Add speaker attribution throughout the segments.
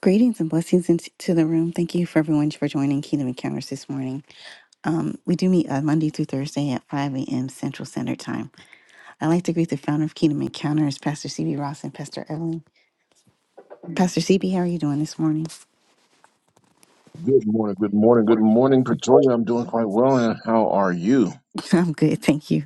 Speaker 1: Greetings and blessings into to the room. Thank you for everyone for joining Kingdom Encounters this morning. Um, we do meet uh, Monday through Thursday at 5 a.m. Central Standard Time. I'd like to greet the founder of Kingdom Encounters, Pastor CB Ross and Pastor Evelyn. Pastor CB, how are you doing this morning?
Speaker 2: Good morning, good morning, good morning, Pretoria. I'm doing quite well, and how are you?
Speaker 1: I'm good, thank you.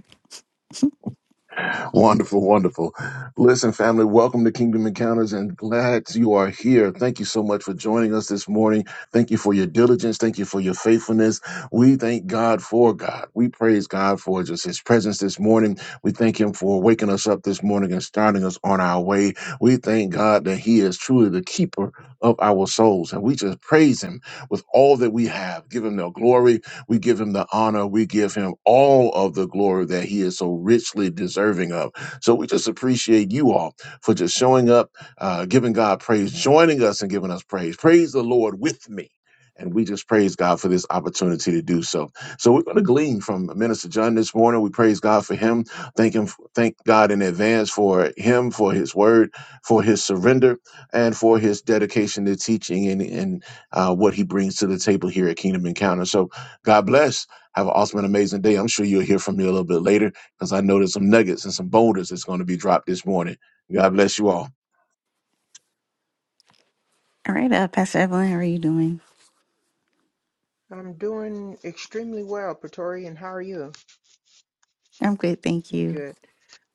Speaker 2: Wonderful, wonderful. Listen, family, welcome to Kingdom Encounters and glad you are here. Thank you so much for joining us this morning. Thank you for your diligence. Thank you for your faithfulness. We thank God for God. We praise God for just his presence this morning. We thank him for waking us up this morning and starting us on our way. We thank God that he is truly the keeper of our souls. And we just praise him with all that we have. Give him the glory we give him the honor. We give him all of the glory that he is so richly deserving of. So we just appreciate you all for just showing up, uh, giving God praise, joining us and giving us praise. Praise the Lord with me. And we just praise God for this opportunity to do so. So we're going to glean from Minister John this morning. We praise God for him. Thank him. Thank God in advance for him, for his word, for his surrender, and for his dedication to teaching and, and uh, what he brings to the table here at Kingdom Encounter. So God bless. Have an awesome and amazing day. I'm sure you'll hear from me a little bit later because I know there's some nuggets and some boulders that's going to be dropped this morning. God bless you all.
Speaker 1: All right, uh, Pastor Evelyn, how are you doing?
Speaker 3: I'm doing extremely well, Pretorian. How are you?
Speaker 1: I'm good, thank
Speaker 3: I'm
Speaker 1: you.
Speaker 3: Good.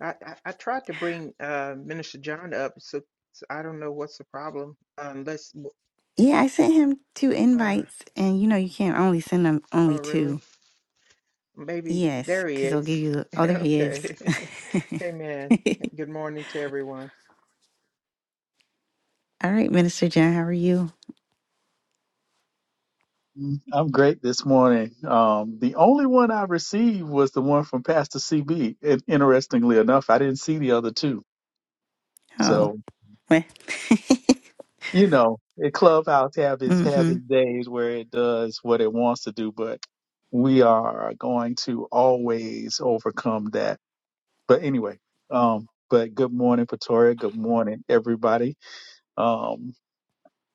Speaker 3: I, I, I tried to bring uh, Minister John up, so, so I don't know what's the problem. uh, Unless,
Speaker 1: Yeah, I sent him two
Speaker 3: uh,
Speaker 1: invites, and you know you can't only send them only
Speaker 3: oh,
Speaker 1: two.
Speaker 3: really? Maybe
Speaker 1: Yes,
Speaker 3: there he
Speaker 1: because they'll give
Speaker 3: is.
Speaker 1: you. The, oh, there he
Speaker 3: Okay.
Speaker 1: is. All
Speaker 3: Amen. Good morning to everyone.
Speaker 1: right, Minister John, how are you?
Speaker 4: I'm great this morning. Um, the only one I received was the one from Pastor CB. And interestingly enough, I didn't see the other two.
Speaker 1: Oh.
Speaker 4: So,
Speaker 1: Well,
Speaker 4: you know, it Clubhouse have its have
Speaker 1: mm-hmm.
Speaker 4: its days where it does what it wants to do, but we are going to always overcome that. But anyway, um, but good morning, Pretoria. Good morning, everybody. Um,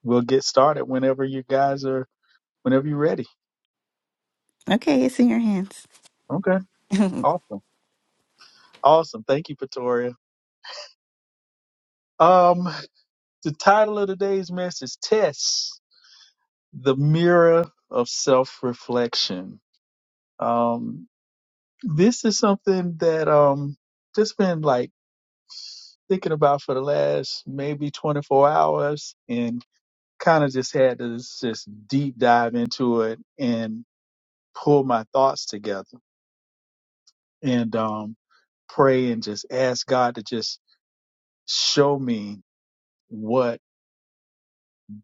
Speaker 4: we'll get started whenever you guys are, whenever you're ready.
Speaker 1: Okay, it's in your hands.
Speaker 4: Okay. Awesome. Awesome. Thank you, Pretoria. Um, The title of today's message Tests the Mirror of Self Reflection. Um, this is something that um just been like thinking about for the last maybe 24 hours and kind of just had to just deep dive into it and pull my thoughts together and um pray and just ask God to just show me what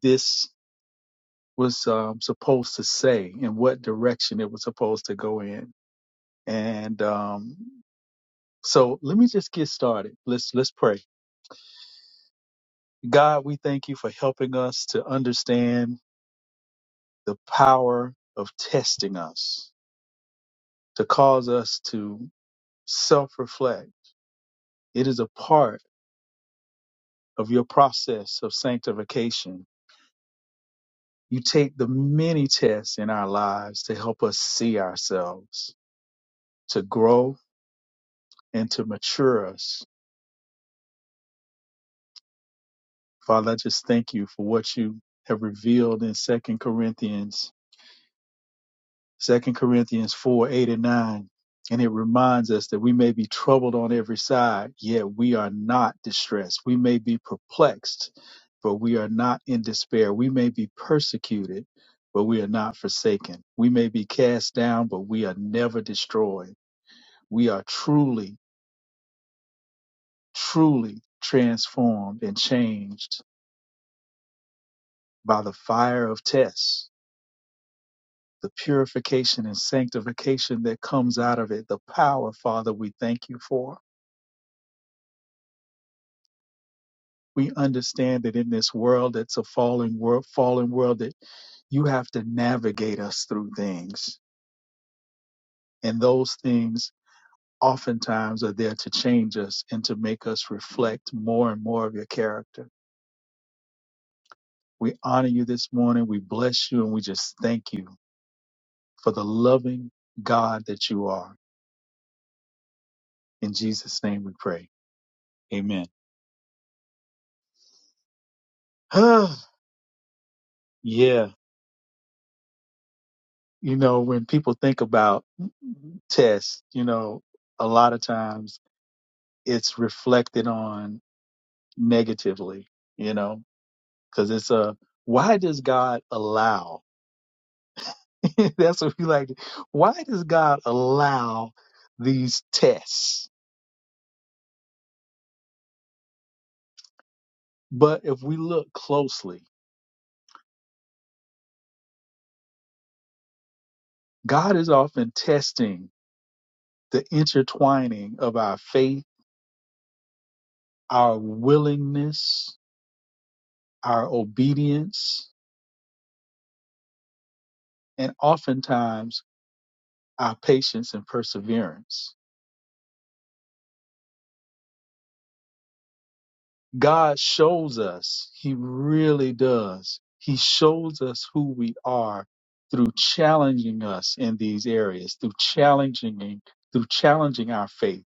Speaker 4: this was um, supposed to say and what direction it was supposed to go in And um, so let me just get started. Let's let's pray. God, we thank you for helping us to understand the power of testing us to cause us to self-reflect. It is a part of your process of sanctification. You take the many tests in our lives to help us see ourselves, to grow and to mature us. Father, I just thank you for what you have revealed in Second Corinthians Second Corinthians four, eight and nine. And it reminds us that we may be troubled on every side, yet we are not distressed. We may be perplexed, but we are not in despair. We may be persecuted, but we are not forsaken. We may be cast down, but we are never destroyed. We are truly, truly transformed and changed by the fire of tests, the purification and sanctification that comes out of it, the power, Father, we thank you for. We understand that in this world, it's a fallen world, fallen world that you have to navigate us through things. And those things oftentimes are there to change us and to make us reflect more and more of your character. We honor you this morning. We bless you and we just thank you for the loving God that you are. In Jesus' name we pray. Amen. yeah. You know, when people think about tests, you know, a lot of times it's reflected on negatively, you know, because it's a why does God allow? That's what we like. Why does God allow these tests? But if we look closely, God is often testing the intertwining of our faith, our willingness, our obedience, and oftentimes our patience and perseverance God shows us, He really does. He shows us who we are through challenging us in these areas, through challenging, through challenging our faith,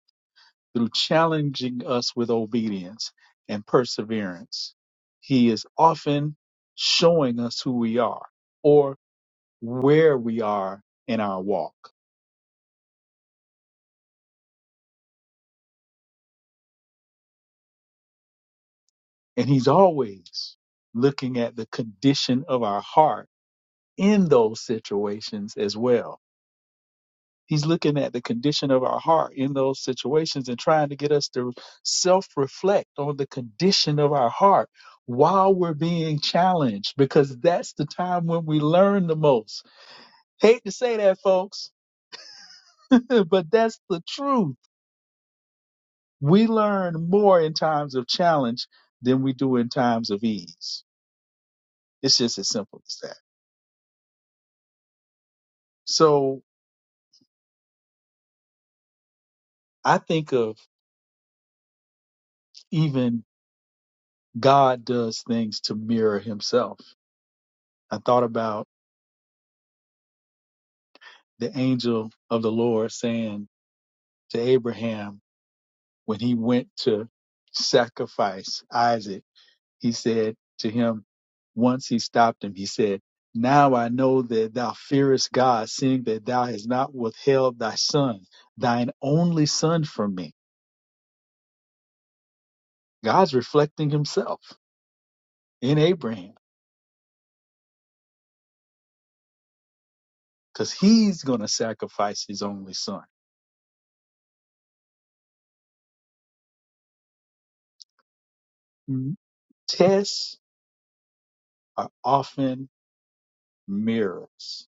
Speaker 4: through challenging us with obedience and perseverance. He is often showing us who we are or where we are in our walk. And He's always looking at the condition of our heart in those situations as well He's looking at the condition of our heart in those situations and trying to get us to self reflect on the condition of our heart while we're being challenged because that's the time when we learn the most. Hate to say that, folks, but that's the truth. We learn more in times of challenge than we do in times of ease. It's just as simple as that. So I think of even God does things to mirror himself. I thought about the angel of the Lord saying to Abraham when he went to sacrifice Isaac, he said to him, once he stopped him, he said, Now I know that thou fearest God, seeing that thou hast not withheld thy son, thine only son from me. God's reflecting himself in Abraham because he's going to sacrifice his only son. Mm-hmm. Tests are often mirrors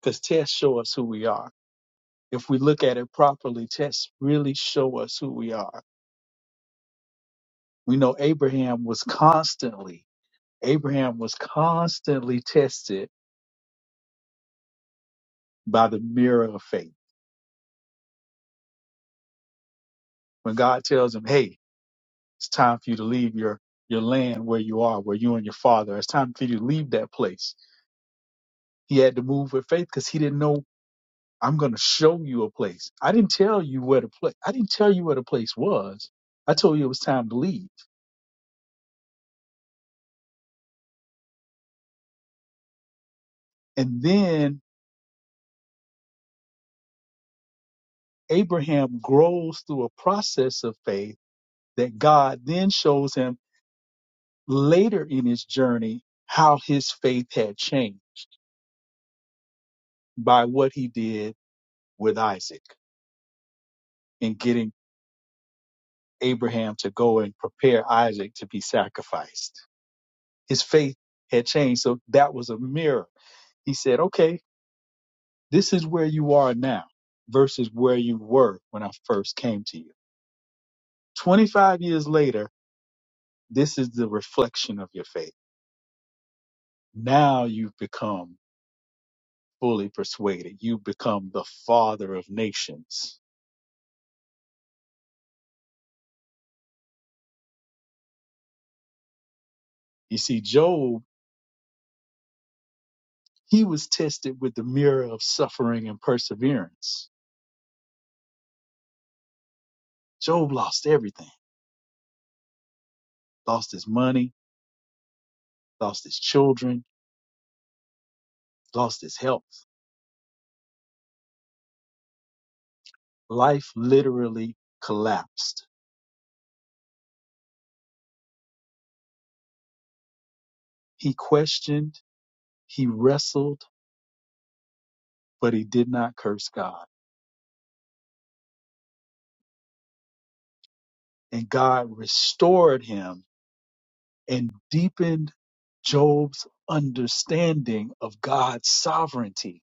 Speaker 4: because tests show us who we are if we look at it properly, tests really show us who we are. We know Abraham was constantly, Abraham was constantly tested by the mirror of faith. When God tells him, Hey, it's time for you to leave your, your land where you are, where you and your father, it's time for you to leave that place. He had to move with faith because he didn't know, I'm going to show you a place. I didn't tell you where the place, I didn't tell you where the place was. I told you it was time to leave. And then Abraham grows through a process of faith that God then shows him later in his journey how his faith had changed by what he did with Isaac in getting Abraham to go and prepare Isaac to be sacrificed. His faith had changed. So that was a mirror. He said, okay, this is where you are now versus where you were when I first came to you. 25 years later, this is the reflection of your faith. Now you've become fully persuaded. You become the father of nations. You see, Job, he was tested with the mirror of suffering and perseverance. Job lost everything, lost his money, lost his children, lost his health. Life literally collapsed. He questioned, he wrestled, but he did not curse God. And God restored him and deepened Job's understanding of God's sovereignty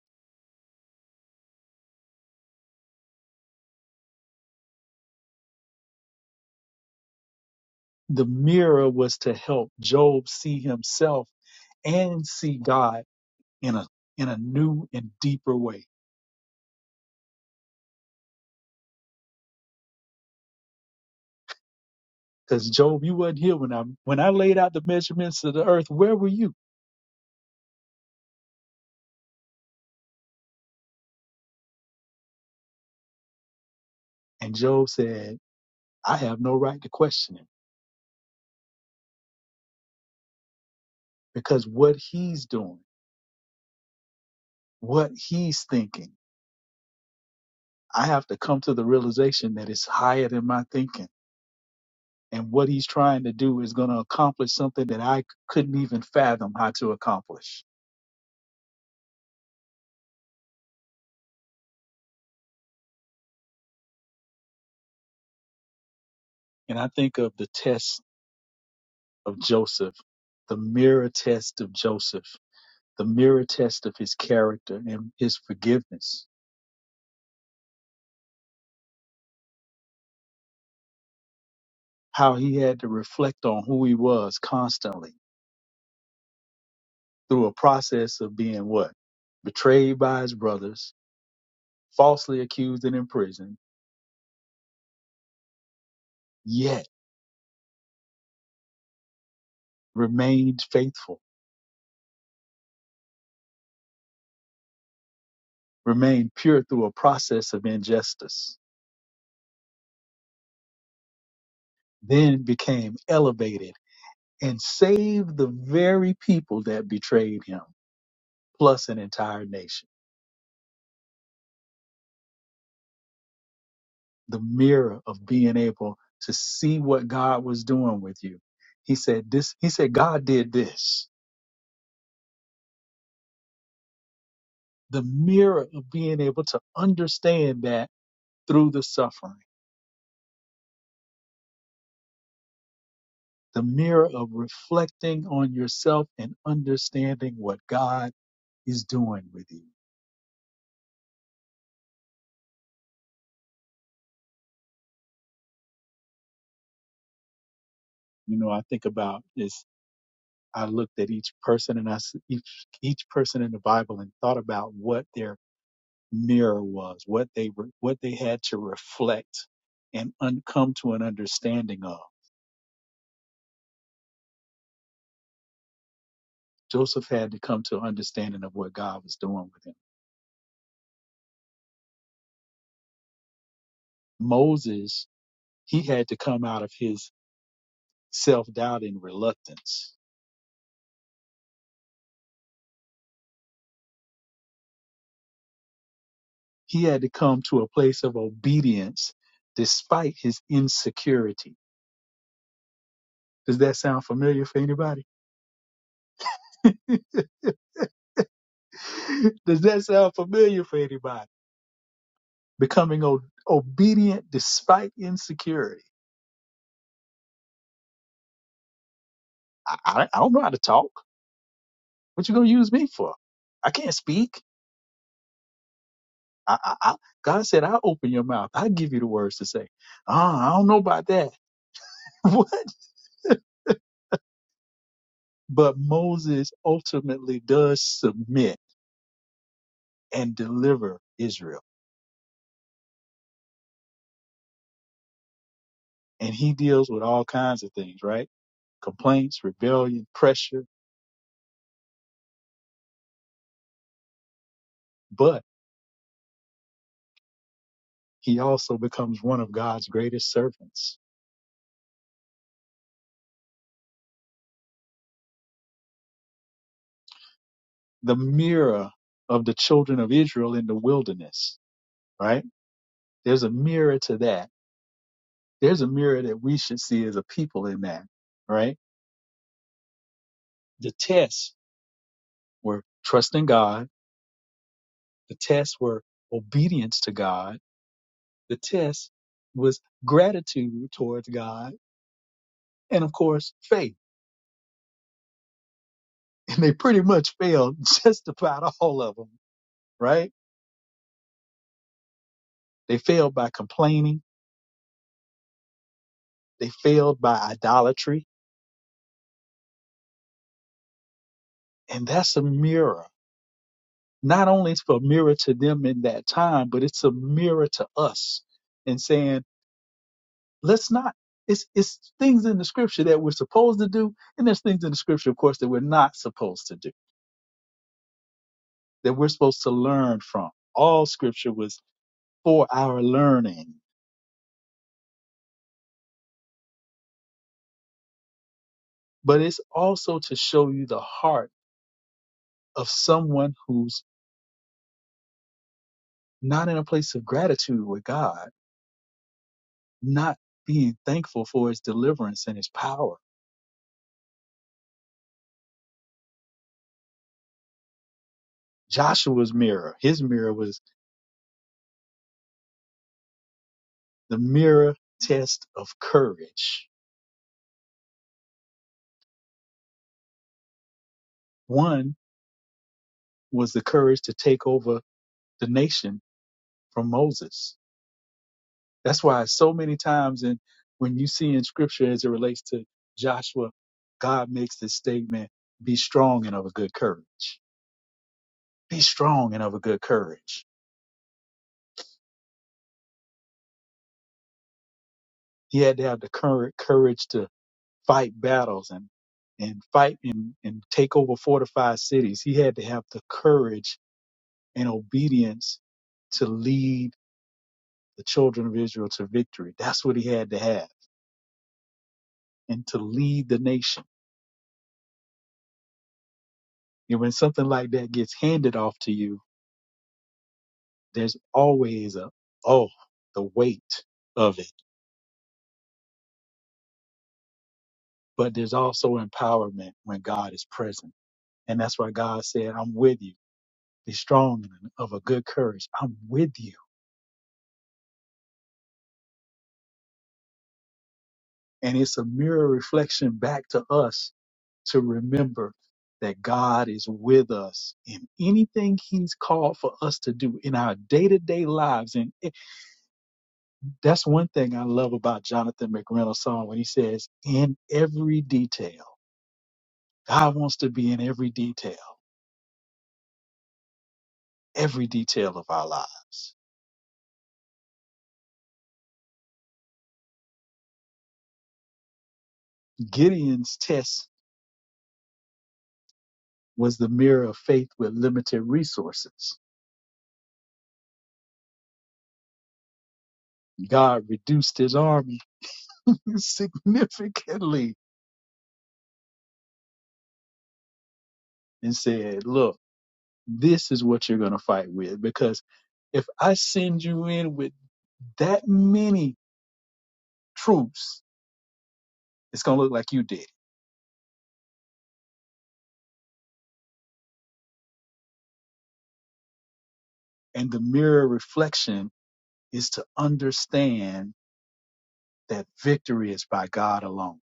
Speaker 4: The mirror was to help Job see himself and see God in a in a new and deeper way. Because Job, you wasn't here when I when I laid out the measurements of the earth. Where were you? And Job said, I have no right to question him because what he's doing, what he's thinking, I have to come to the realization that it's higher than my thinking. And what he's trying to do is going to accomplish something that I couldn't even fathom how to accomplish. And I think of the tests of Joseph, the mirror test of Joseph, the mirror test of his character and his forgiveness, how he had to reflect on who he was constantly through a process of being what? Betrayed by his brothers, falsely accused and imprisoned, yet remained faithful, remained pure through a process of injustice, then became elevated and saved the very people that betrayed him, plus an entire nation. the mirror of being able to see what God was doing with you. He said this, he said God did this. The mirror of being able to understand that through the suffering, the mirror of reflecting on yourself and understanding what God is doing with you. You know, I think about this. I looked at each person and I s- each each person in the Bible and thought about what their mirror was, what they were, what they had to reflect and un- come to an understanding of. Joseph had to come to an understanding of what God was doing with him. Moses, he had to come out of his self-doubt and reluctance. He had to come to a place of obedience despite his insecurity. Does that sound familiar for anybody? Does that sound familiar for anybody? Becoming o- obedient despite insecurity I, I, I don't know how to talk. What you gonna use me for? I can't speak. I, I, I, God said, I'll open your mouth. I'll give you the words to say. Ah, I don't know about that. what? But Moses ultimately does submit and deliver Israel. And he deals with all kinds of things, right? Complaints, rebellion, pressure, but he also becomes one of God's greatest servants, the mirror of the children of Israel in the wilderness, right? There's a mirror to that There's a mirror that we should see as a people in that, right? The tests were trusting God. The tests were obedience to God. The test was gratitude towards God. And of course, faith. And they pretty much failed just about all of them, right? They failed by complaining. They failed by idolatry. And that's a mirror not only it's a mirror to them in that time, but it's a mirror to us and saying, Let's not. It's it's things in the scripture that we're supposed to do, and there's things in the scripture, of course, that we're not supposed to do, that we're supposed to learn from. All scripture was for our learning, but it's also to show you the heart of someone who's not in a place of gratitude with God, not being thankful for his deliverance and his power. Joshua's mirror, his mirror was the mirror test of courage. One was the courage to take over the nation from Moses. That's why so many times in when you see in scripture as it relates to Joshua, God makes this statement, be strong and of a good courage. Be strong and of a good courage. He had to have the cour- courage to fight battles and and fight and, and take over fortified cities. He had to have the courage and obedience to lead the children of Israel to victory. That's what he had to have and to lead the nation. And when something like that gets handed off to you, there's always a oh the weight of it but there's also empowerment when god is present and that's why god said i'm with you be strong and of a good courage i'm with you and it's a mirror reflection back to us to remember that god is with us in anything he's called for us to do in our day-to-day lives and it- that's one thing i love about jonathan mcreynolds song when he says in every detail god wants to be in every detail every detail of our lives. Gideon's test was the mirror of faith with limited resources. God reduced his army significantly and said, Look, this is what you're going to fight with. Because if I send you in with that many troops, it's going to look like you did. And the mirror reflection is to understand that victory is by God alone.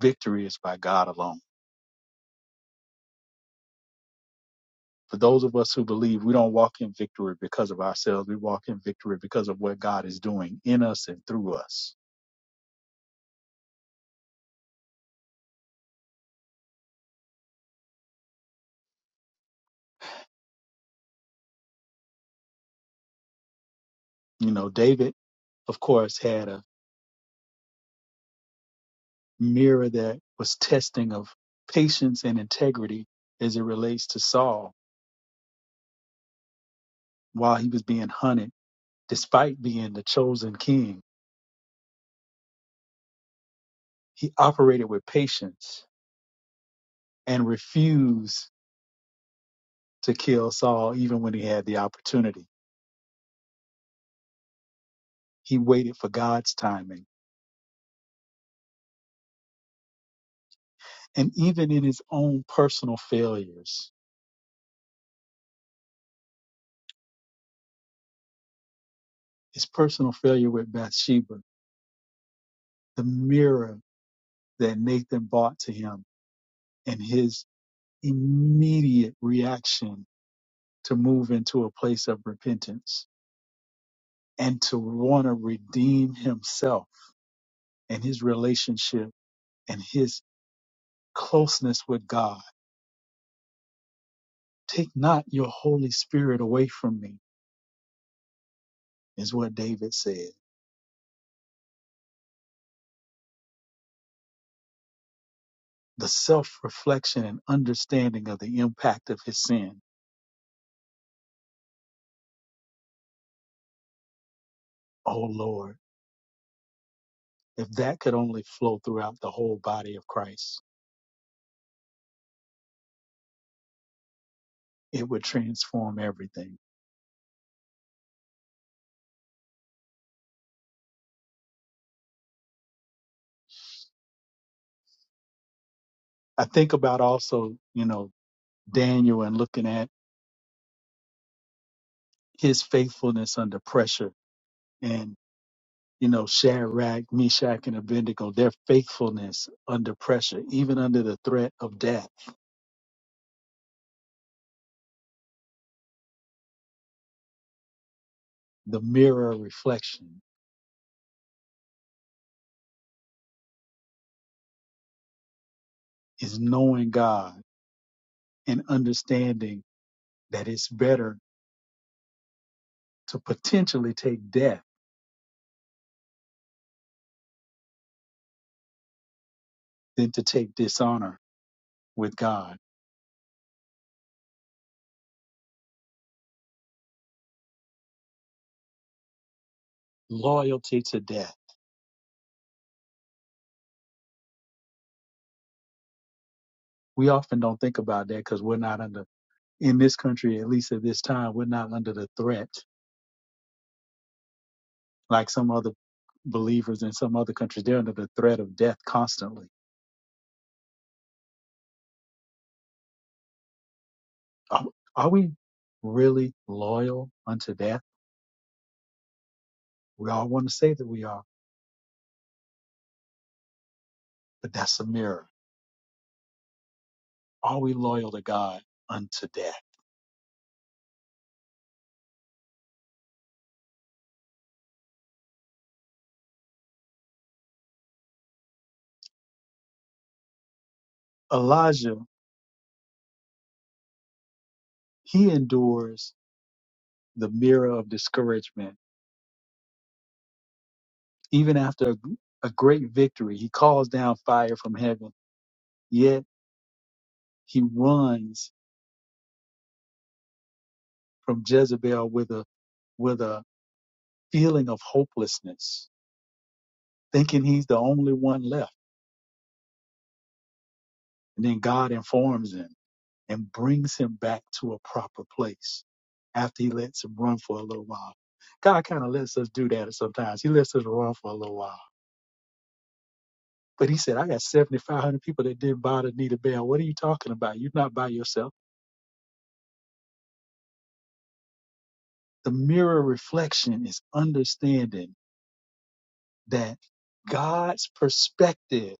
Speaker 4: Victory is by God alone For those of us who believe, we don't walk in victory because of ourselves. We walk in victory because of what God is doing in us and through us. You know, David, of course, had a mirror that was testing of patience and integrity as it relates to Saul while he was being hunted, despite being the chosen king. He operated with patience and refused to kill Saul even when he had the opportunity. He waited for God's timing. And even in his own personal failures, His personal failure with Bathsheba, the mirror that Nathan brought to him, and his immediate reaction to move into a place of repentance and to want to redeem himself and his relationship and his closeness with God. Take not your Holy Spirit away from me, is what David said. The self reflection and understanding of the impact of his sin. Oh Lord, if that could only flow throughout the whole body of Christ. it would transform everything. I think about also, you know, Daniel and looking at his faithfulness under pressure and, you know, Shadrach, Meshach, and Abednego, their faithfulness under pressure, even under the threat of death. The mirror reflection is knowing God and understanding that it's better to potentially take death than to take dishonor with God. Loyalty to death. We often don't think about that because we're not under in this country, at least at this time, we're not under the threat like some other believers in some other countries. They're under the threat of death constantly. Are, are we really loyal unto death? We all want to say that we are, but that's a mirror. Are we loyal to God unto death? Elijah, he endures the mirror of discouragement. Even after a, a great victory, he calls down fire from heaven, yet he runs from Jezebel with a with a feeling of hopelessness, thinking he's the only one left. And then God informs him and brings him back to a proper place after he lets him run for a little while. God kind of lets us do that sometimes. He lets us run for a little while. But he said, I got 7,500 people that didn't bother need a bell. What are you talking about? You're not by yourself. The mirror reflection is understanding that God's perspective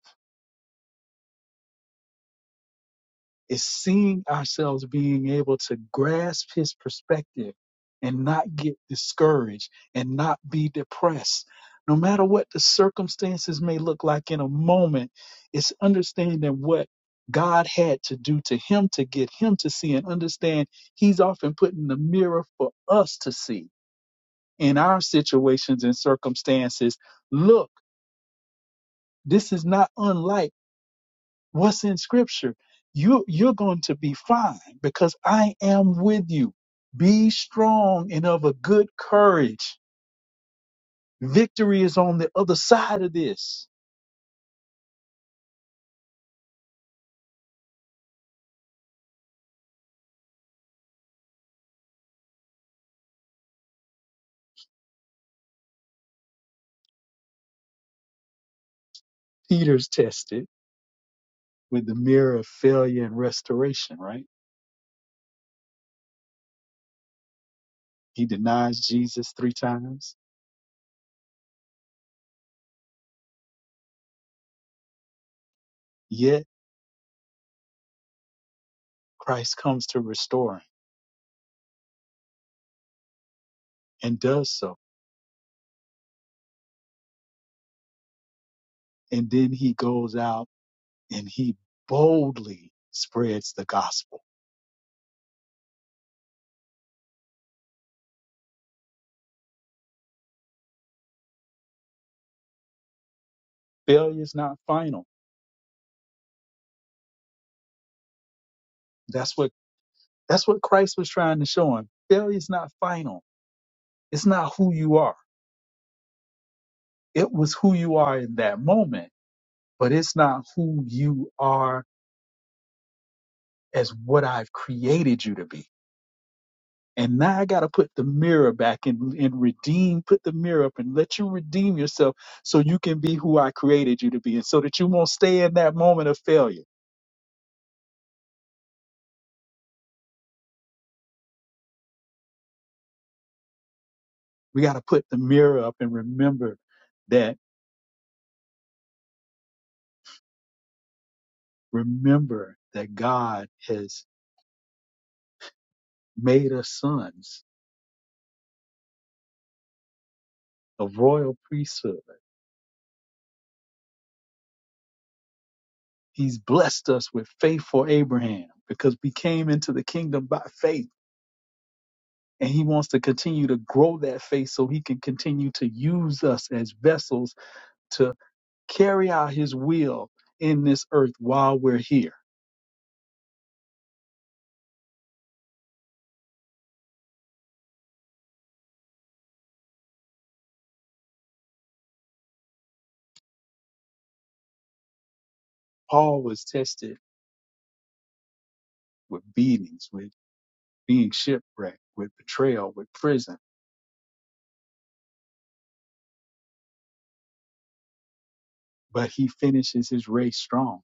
Speaker 4: is seeing ourselves being able to grasp his perspective and not get discouraged and not be depressed. No matter what the circumstances may look like in a moment, it's understanding what God had to do to him to get him to see and understand he's often put in the mirror for us to see in our situations and circumstances. Look, this is not unlike what's in scripture you you're going to be fine because i am with you be strong and of a good courage victory is on the other side of this peter's tested with the mirror of failure and restoration right he denies jesus three times yet christ comes to restore him and does so and then he goes out and he boldly spreads the gospel failure is not final that's what That's what Christ was trying to show him. Failure is not final. It's not who you are. It was who you are in that moment, but it's not who you are as what I've created you to be. And now I got to put the mirror back and, and redeem, put the mirror up and let you redeem yourself so you can be who I created you to be and so that you won't stay in that moment of failure. We got to put the mirror up and remember that, remember that God has made us sons of royal priesthood He's blessed us with faith for Abraham because we came into the kingdom by faith. And he wants to continue to grow that faith so he can continue to use us as vessels to carry out his will in this earth while we're here. Paul was tested with beatings, with being shipwrecked, with betrayal, with prison, but he finishes his race strong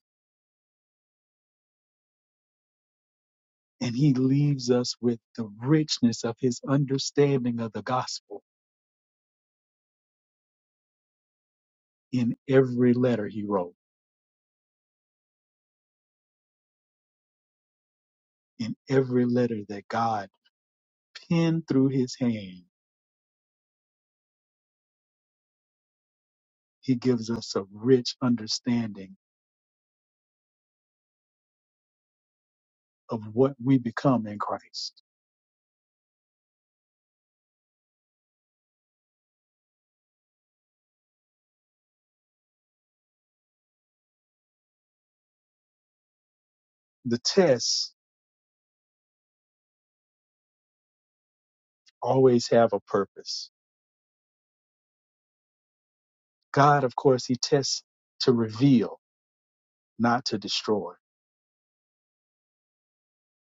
Speaker 4: and he leaves us with the richness of his understanding of the gospel in every letter he wrote. in every letter that God penned through his hand, he gives us a rich understanding of what we become in Christ. The tests always have a purpose. God, of course, he tests to reveal, not to destroy.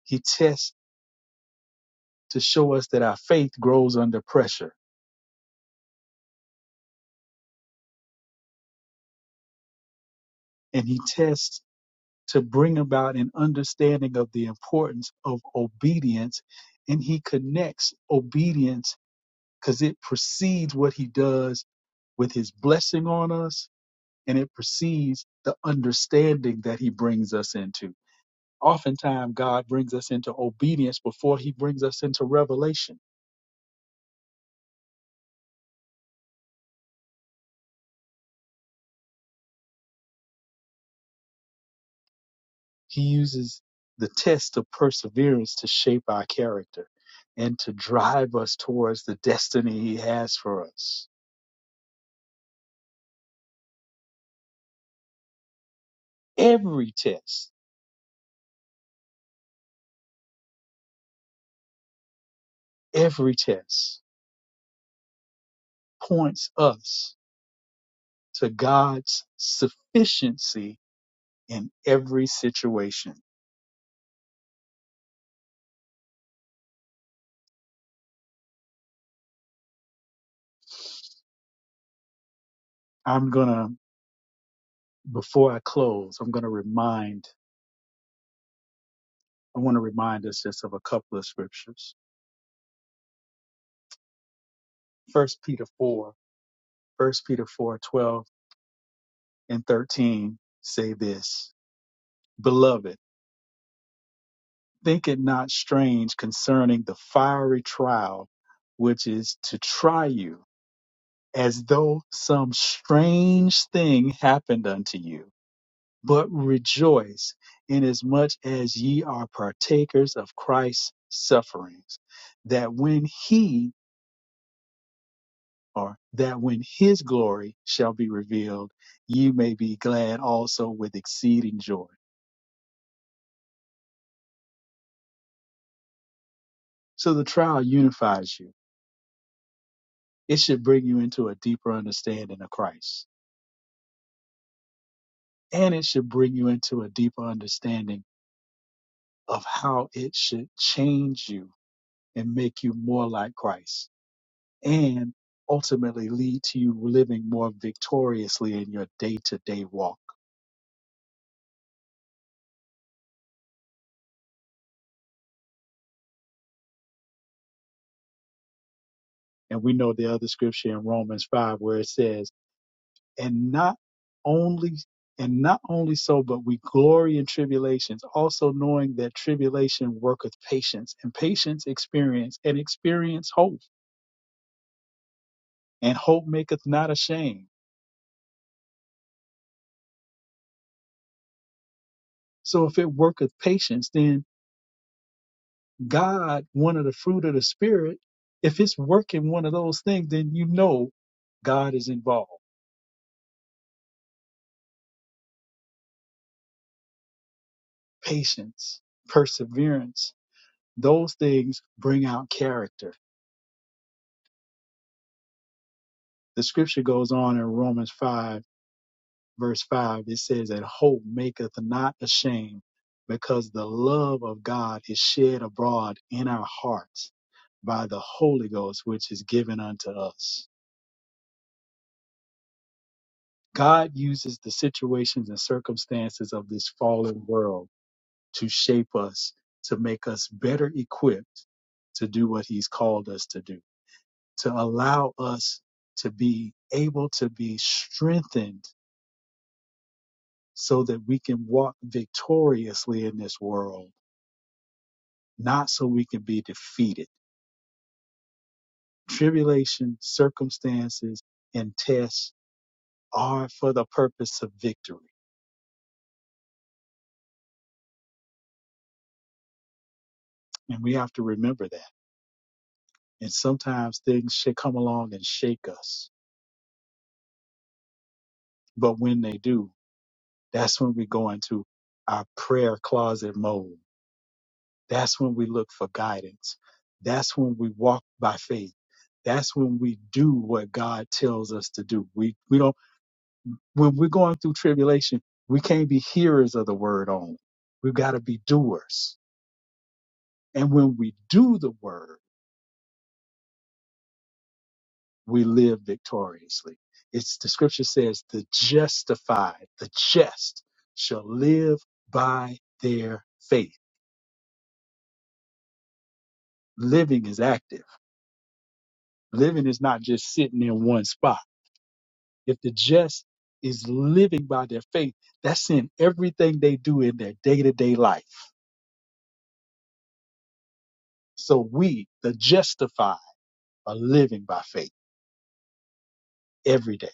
Speaker 4: He tests to show us that our faith grows under pressure, and he tests to bring about an understanding of the importance of obedience, and he connects obedience because it precedes what he does with his blessing on us, and it precedes the understanding that he brings us into. Oftentimes, God brings us into obedience before he brings us into revelation. He uses the test of perseverance to shape our character and to drive us towards the destiny he has for us. Every test, every test points us to God's sufficiency in every situation. I'm going to before I close, I'm going to remind, I want to remind us just of a couple of scriptures. First Peter four, First Peter four, twelve and 13 say this, Beloved, think it not strange concerning the fiery trial which is to try you as though some strange thing happened unto you. But rejoice inasmuch as ye are partakers of Christ's sufferings, that when he are, that when his glory shall be revealed, you may be glad also with exceeding joy. So the trial unifies you. It should bring you into a deeper understanding of Christ. And it should bring you into a deeper understanding of how it should change you and make you more like Christ. And ultimately lead to you living more victoriously in your day to day walk. And we know the other scripture in Romans 5 where it says, and not only and not only so, but we glory in tribulations, also knowing that tribulation worketh patience, and patience experience, and experience hope, and hope maketh not ashamed. So if it worketh patience, then God, one of the fruit of the spirit, if it's working one of those things, then you know God is involved. Patience, perseverance, those things bring out character. The scripture goes on in Romans 5 verse 5, it says that hope maketh not ashamed because the love of God is shed abroad in our hearts by the Holy Ghost, which is given unto us. God uses the situations and circumstances of this fallen world to shape us, to make us better equipped to do what He's called us to do, to allow us to be able to be strengthened so that we can walk victoriously in this world not so we can be defeated. Tribulation, circumstances, and tests are for the purpose of victory. And we have to remember that. And sometimes things should come along and shake us. But when they do, that's when we go into our prayer closet mode. That's when we look for guidance. That's when we walk by faith. That's when we do what God tells us to do. We, we don't When we're going through tribulation, we can't be hearers of the word only. We've got to be doers. And when we do the word, we live victoriously. It's the scripture says the justified, the just shall live by their faith. Living is active. Living is not just sitting in one spot. If the just is living by their faith, that's in everything they do in their day to day life. So we, the justified, are living by faith. every day.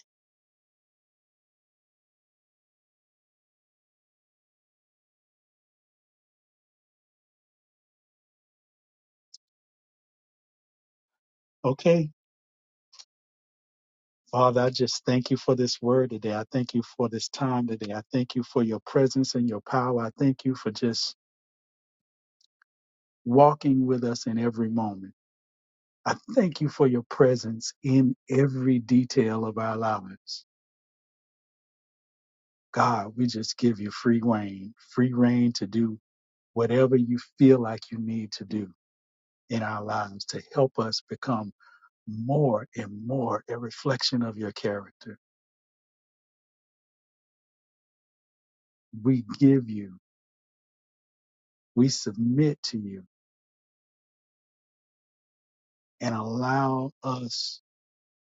Speaker 4: Okay. Father, I just thank you for this word today. I thank you for this time today. I thank you for your presence and your power. I thank you for just walking with us in every moment. I thank you for your presence in every detail of our lives. God, we just give you free reign, free reign to do whatever you feel like you need to do in our lives to help us become more and more a reflection of your character. We give you we submit to you and allow us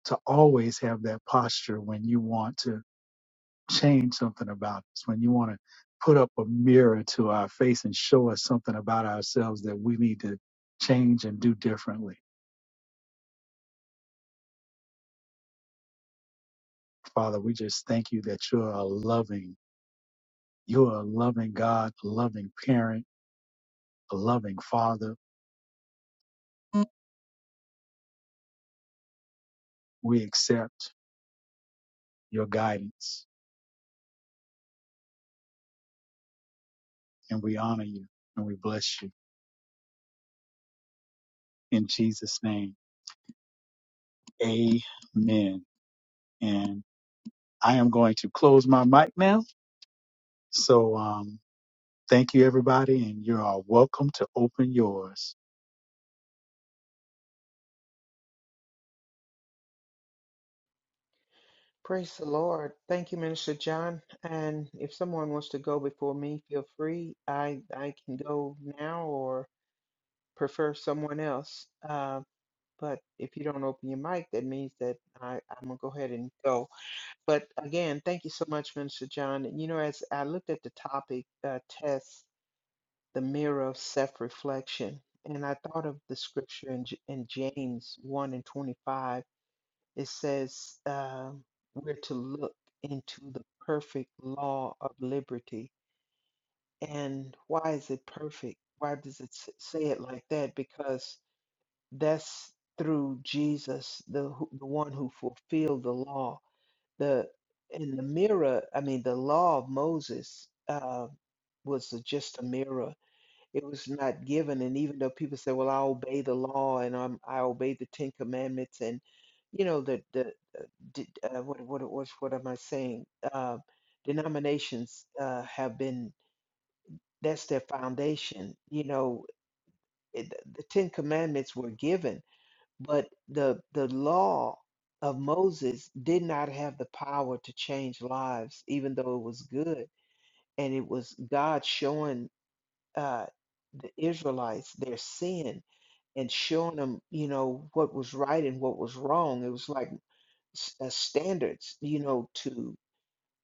Speaker 4: to always have that posture when you want to change something about us, when you want to put up a mirror to our face and show us something about ourselves that we need to change and do differently. Father, we just thank you that you're a loving, you're a loving God, a loving parent, a loving father. We accept your guidance and we honor you and we bless you. In Jesus' name, amen and I am going to close my mic now. So um, thank you, everybody, and you are welcome to open yours.
Speaker 3: Praise the Lord. Thank you, Minister John. And if someone wants to go before me, feel free. I I can go now or prefer someone else. But if you don't open your mic, that means that I, I'm gonna go ahead and go. But again, thank you so much, Minister John. And you know, as I looked at the topic, uh, test the mirror of self-reflection, and I thought of the scripture in, J- in James 1 and 25. It says, um, we're to look into the perfect law of liberty. And why is it perfect? Why does it s- say it like that? Because that's through Jesus, the who- the one who fulfilled the law. The in the mirror, I mean, the law of Moses uh, was just a mirror. It was not given, and even though people say, "Well, I obey the law and I'm, I obey the Ten Commandments," and you know the the uh, d- uh, what what what what am I saying? Uh, denominations uh, have been that's their foundation. You know, it, the Ten Commandments were given but the the law of Moses did not have the power to change lives, even though it was good, and it was God showing uh, the Israelites their sin and showing them, you know, what was right and what was wrong. It was like s- uh, standards, you know, to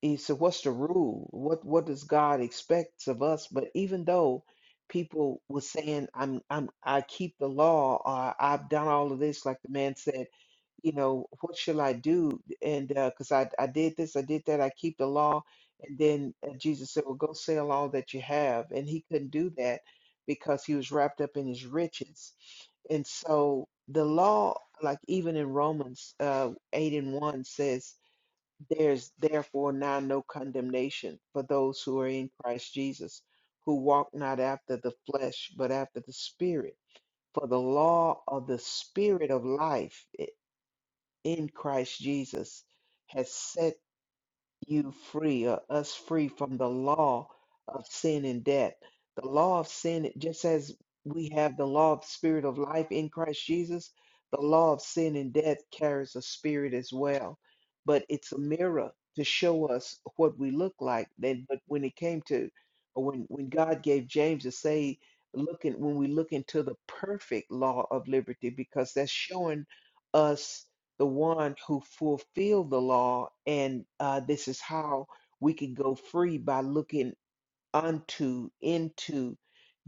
Speaker 3: he said, "What's the rule? What what does God expects of us?" But even though people were saying, "I'm I'm I keep the law," or "I've done all of this," like the man said, you know, what shall I do? And because I I did this, I did that, I keep the law. And then uh, Jesus said, "Well, go sell all that you have," and he couldn't do that because he was wrapped up in his riches. And so the law, like even in Romans uh, eight and one says. There's therefore now no condemnation for those who are in Christ Jesus, who walk not after the flesh, but after the Spirit. For the law of the Spirit of life i- in Christ Jesus has set you free or us free from the law of sin and death. The law of sin, just as we have the law of spirit of life in Christ Jesus, the law of sin and death carries a spirit as well. But it's a mirror to show us what we look like. Then, but when it came to, or when when God gave James to say, looking when we look into the perfect law of liberty, because that's showing us the one who fulfilled the law. And uh, this is how we can go free by looking unto, into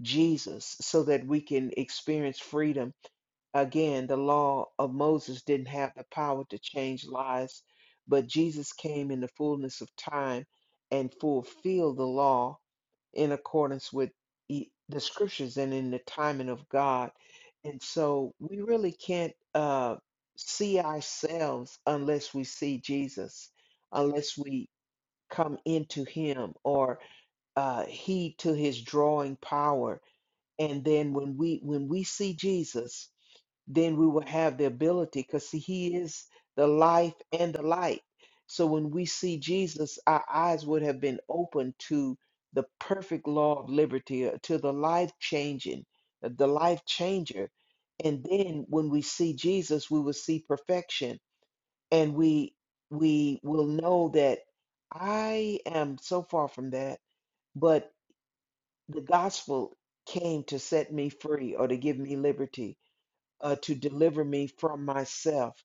Speaker 3: Jesus, so that we can experience freedom. Again, the law of Moses didn't have the power to change lives, but Jesus came in the fullness of time and fulfilled the law in accordance with e- the scriptures and in the timing of God. And so we really can't uh, see ourselves unless we see Jesus, unless we come into Him or uh, heed to His drawing power. And then when we when we see Jesus, then we will have the ability because see he is the life and the light so when we see jesus our eyes would have been open to the perfect law of liberty uh, to the life changing the life changer and then when we see jesus we will see perfection and we we will know that i am so far from that but the gospel came to set me free or to give me liberty uh, to deliver me from myself.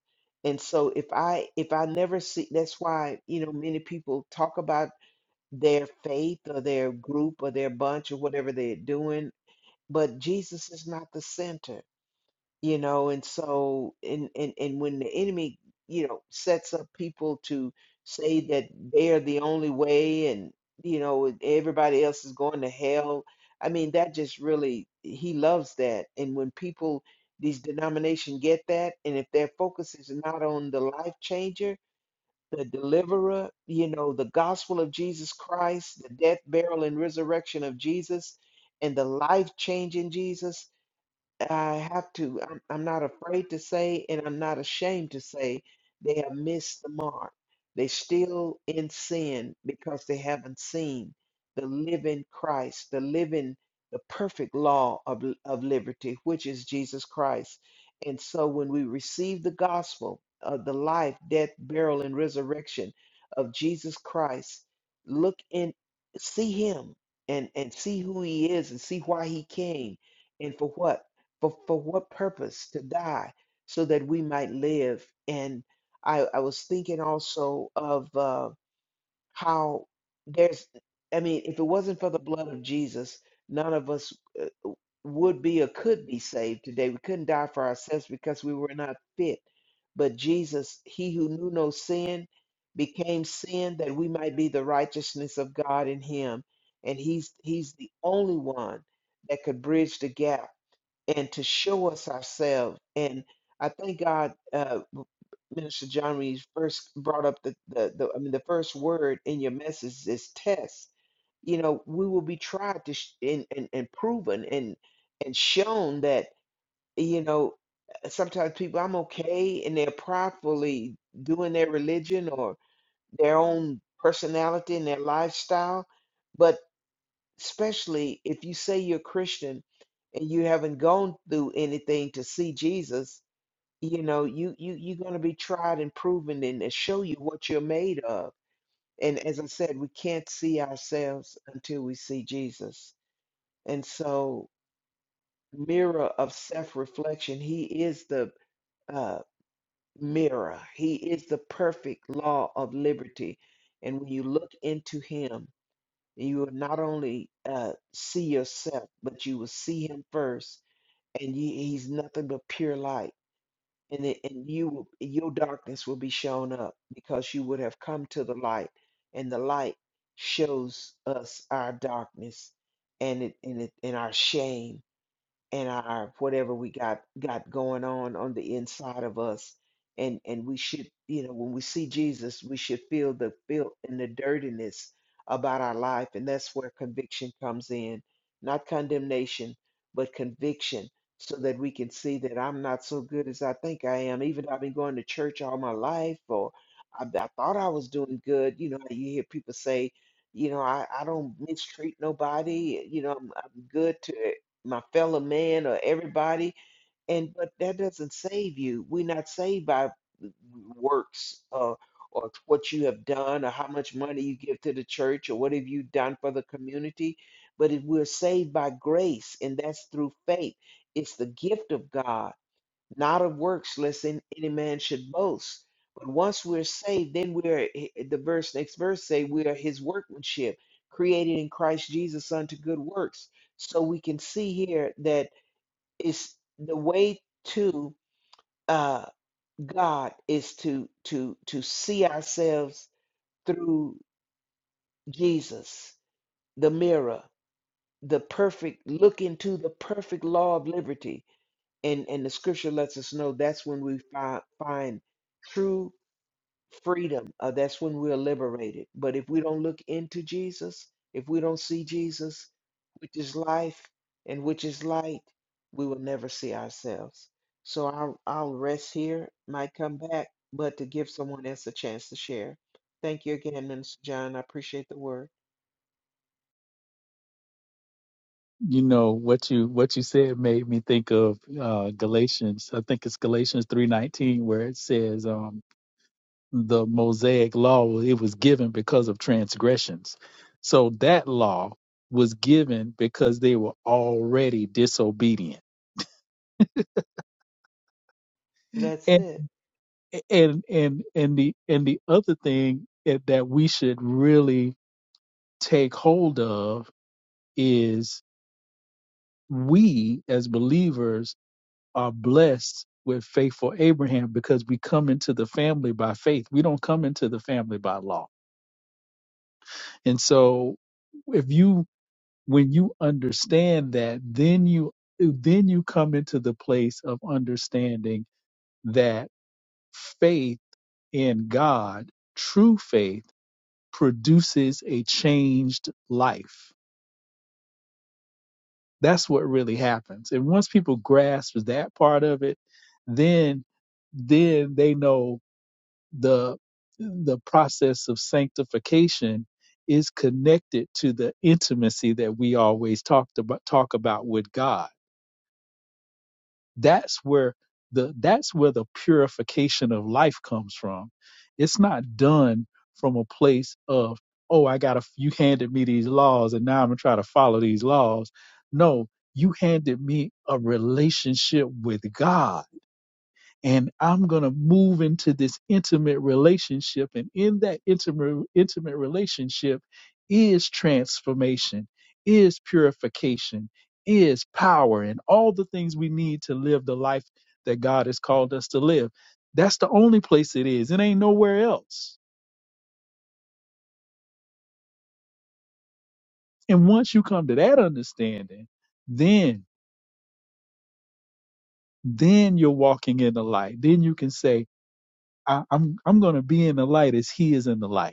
Speaker 3: And so if I if I never see that's why you know many people talk about their faith or their group or their bunch or whatever they're doing, but Jesus is not the center you know and so and and, and when the enemy you know sets up people to say that they are the only way and you know everybody else is going to hell i mean that just really he loves that and when people these denomination get that and if their focus is not on the life changer the deliverer you know the gospel of jesus christ the death burial and resurrection of jesus and the life change in jesus I have to, I'm, I'm not afraid to say, and I'm not ashamed to say, they have missed the mark. They still in sin because they haven't seen the living Christ, the living, the perfect law of, of liberty, which is Jesus Christ. And so when we receive the gospel of the life, death, burial, and resurrection of Jesus Christ, look and see him and, and see who he is and see why he came and for what for for what purpose to die so that we might live and i i was thinking also of uh how there's i mean if it wasn't for the blood of jesus none of us uh, would be or could be saved today we couldn't die for ourselves because we were not fit but jesus he who knew no sin became sin that we might be the righteousness of god in him and he's he's the only one that could bridge the gap and to show us ourselves. And I thank God, uh, Minister John, when you first brought up the, the, the, I mean, the first word in your message is test. You know, we will be tried to sh- and, and, and proven and and shown that, you know, uh, sometimes people, I'm okay, and they're pridefully doing their religion or their own personality and their lifestyle especially if you say you're Christian and you haven't gone through anything to see Jesus, you know, you you you're going to be tried and proven and it show you what you're made of. And as I said, we can't see ourselves until we see Jesus. And so, mirror of self-reflection, he is the uh, mirror. He is the perfect law of liberty. And when you look into him, you will not only uh, see yourself, but you will see him first, and you, he's nothing but pure light. And it, and you will, your darkness will be shown up because you would have come to the light, and the light shows us our darkness and it and it and our shame and our whatever we got got going on on the inside of us and and we should you know when we see jesus we should feel the filth and the dirtiness about our life and that's where conviction comes in not condemnation but conviction so that we can see that i'm not so good as i think i am even though i've been going to church all my life or i, I thought i was doing good you know you hear people say you know i, I don't mistreat nobody you know i'm, I'm good to my fellow man or everybody and but that doesn't save you we're not saved by works uh, or what you have done or how much money you give to the church or what have you done for the community but if we're saved by grace and that's through faith it's the gift of god not of works, lest in- any man should boast. But once we're saved, then we are eh, eh, the verse next verse say we are His workmanship, created in Christ Jesus unto good works. So we can see here that it's the way to uh, God is to to to see ourselves through Jesus, the mirror, the perfect look into the perfect law of liberty, and and the Scripture lets us know that's when we find find true freedom. Uh, that's when we're liberated. But if we don't look into Jesus, if we don't see Jesus, which is life and which is light, we will never see ourselves. So I'll, I'll rest here, might come back, but to give someone else a chance to share. Thank you again, Minister John. I appreciate the word.
Speaker 4: You know what you what you said made me think of uh, Galatians. I think it's Galatians three nineteen where it says um, the Mosaic law well, it was given because of transgressions. So that law was given because they were already disobedient
Speaker 3: That's
Speaker 4: and
Speaker 3: it.
Speaker 4: and and and the and the other thing that that we should really take hold of is we as believers are blessed with faithful Abraham because we come into the family by faith. We don't come into the family by law. And so if you when you understand that then you then you come into the place of understanding that faith in God, true faith produces a changed life That's what really happens. And once people grasp that part of it, then then they know the the process of sanctification is connected to the intimacy that we always talked about talk about with God that's where the that's where the purification of life comes from it's not done from a place of oh i got a you handed me these laws and now i'm gonna try to follow these laws no you handed me a relationship with god and I'm going to move into this intimate relationship. And in that intimate, intimate relationship is transformation, is purification, is power, and all the things we need to live the life that God has called us to live. That's the only place it is. It ain't nowhere else. And once you come to that understanding, then then you're walking in the light. Then you can say, I, I'm I'm going to be in the light as He is in the light.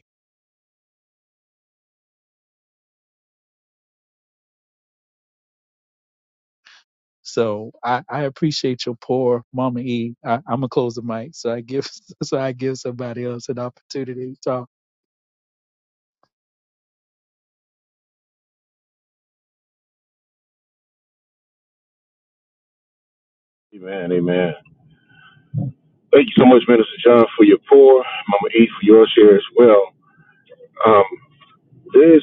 Speaker 4: So I, I appreciate your poor Mama E. I, I'm gonna close the mic so I give so I give somebody else an opportunity to talk.
Speaker 2: Amen, amen. Thank you so much, Minister John, for your pour. Mama E, for your share as well. Um, this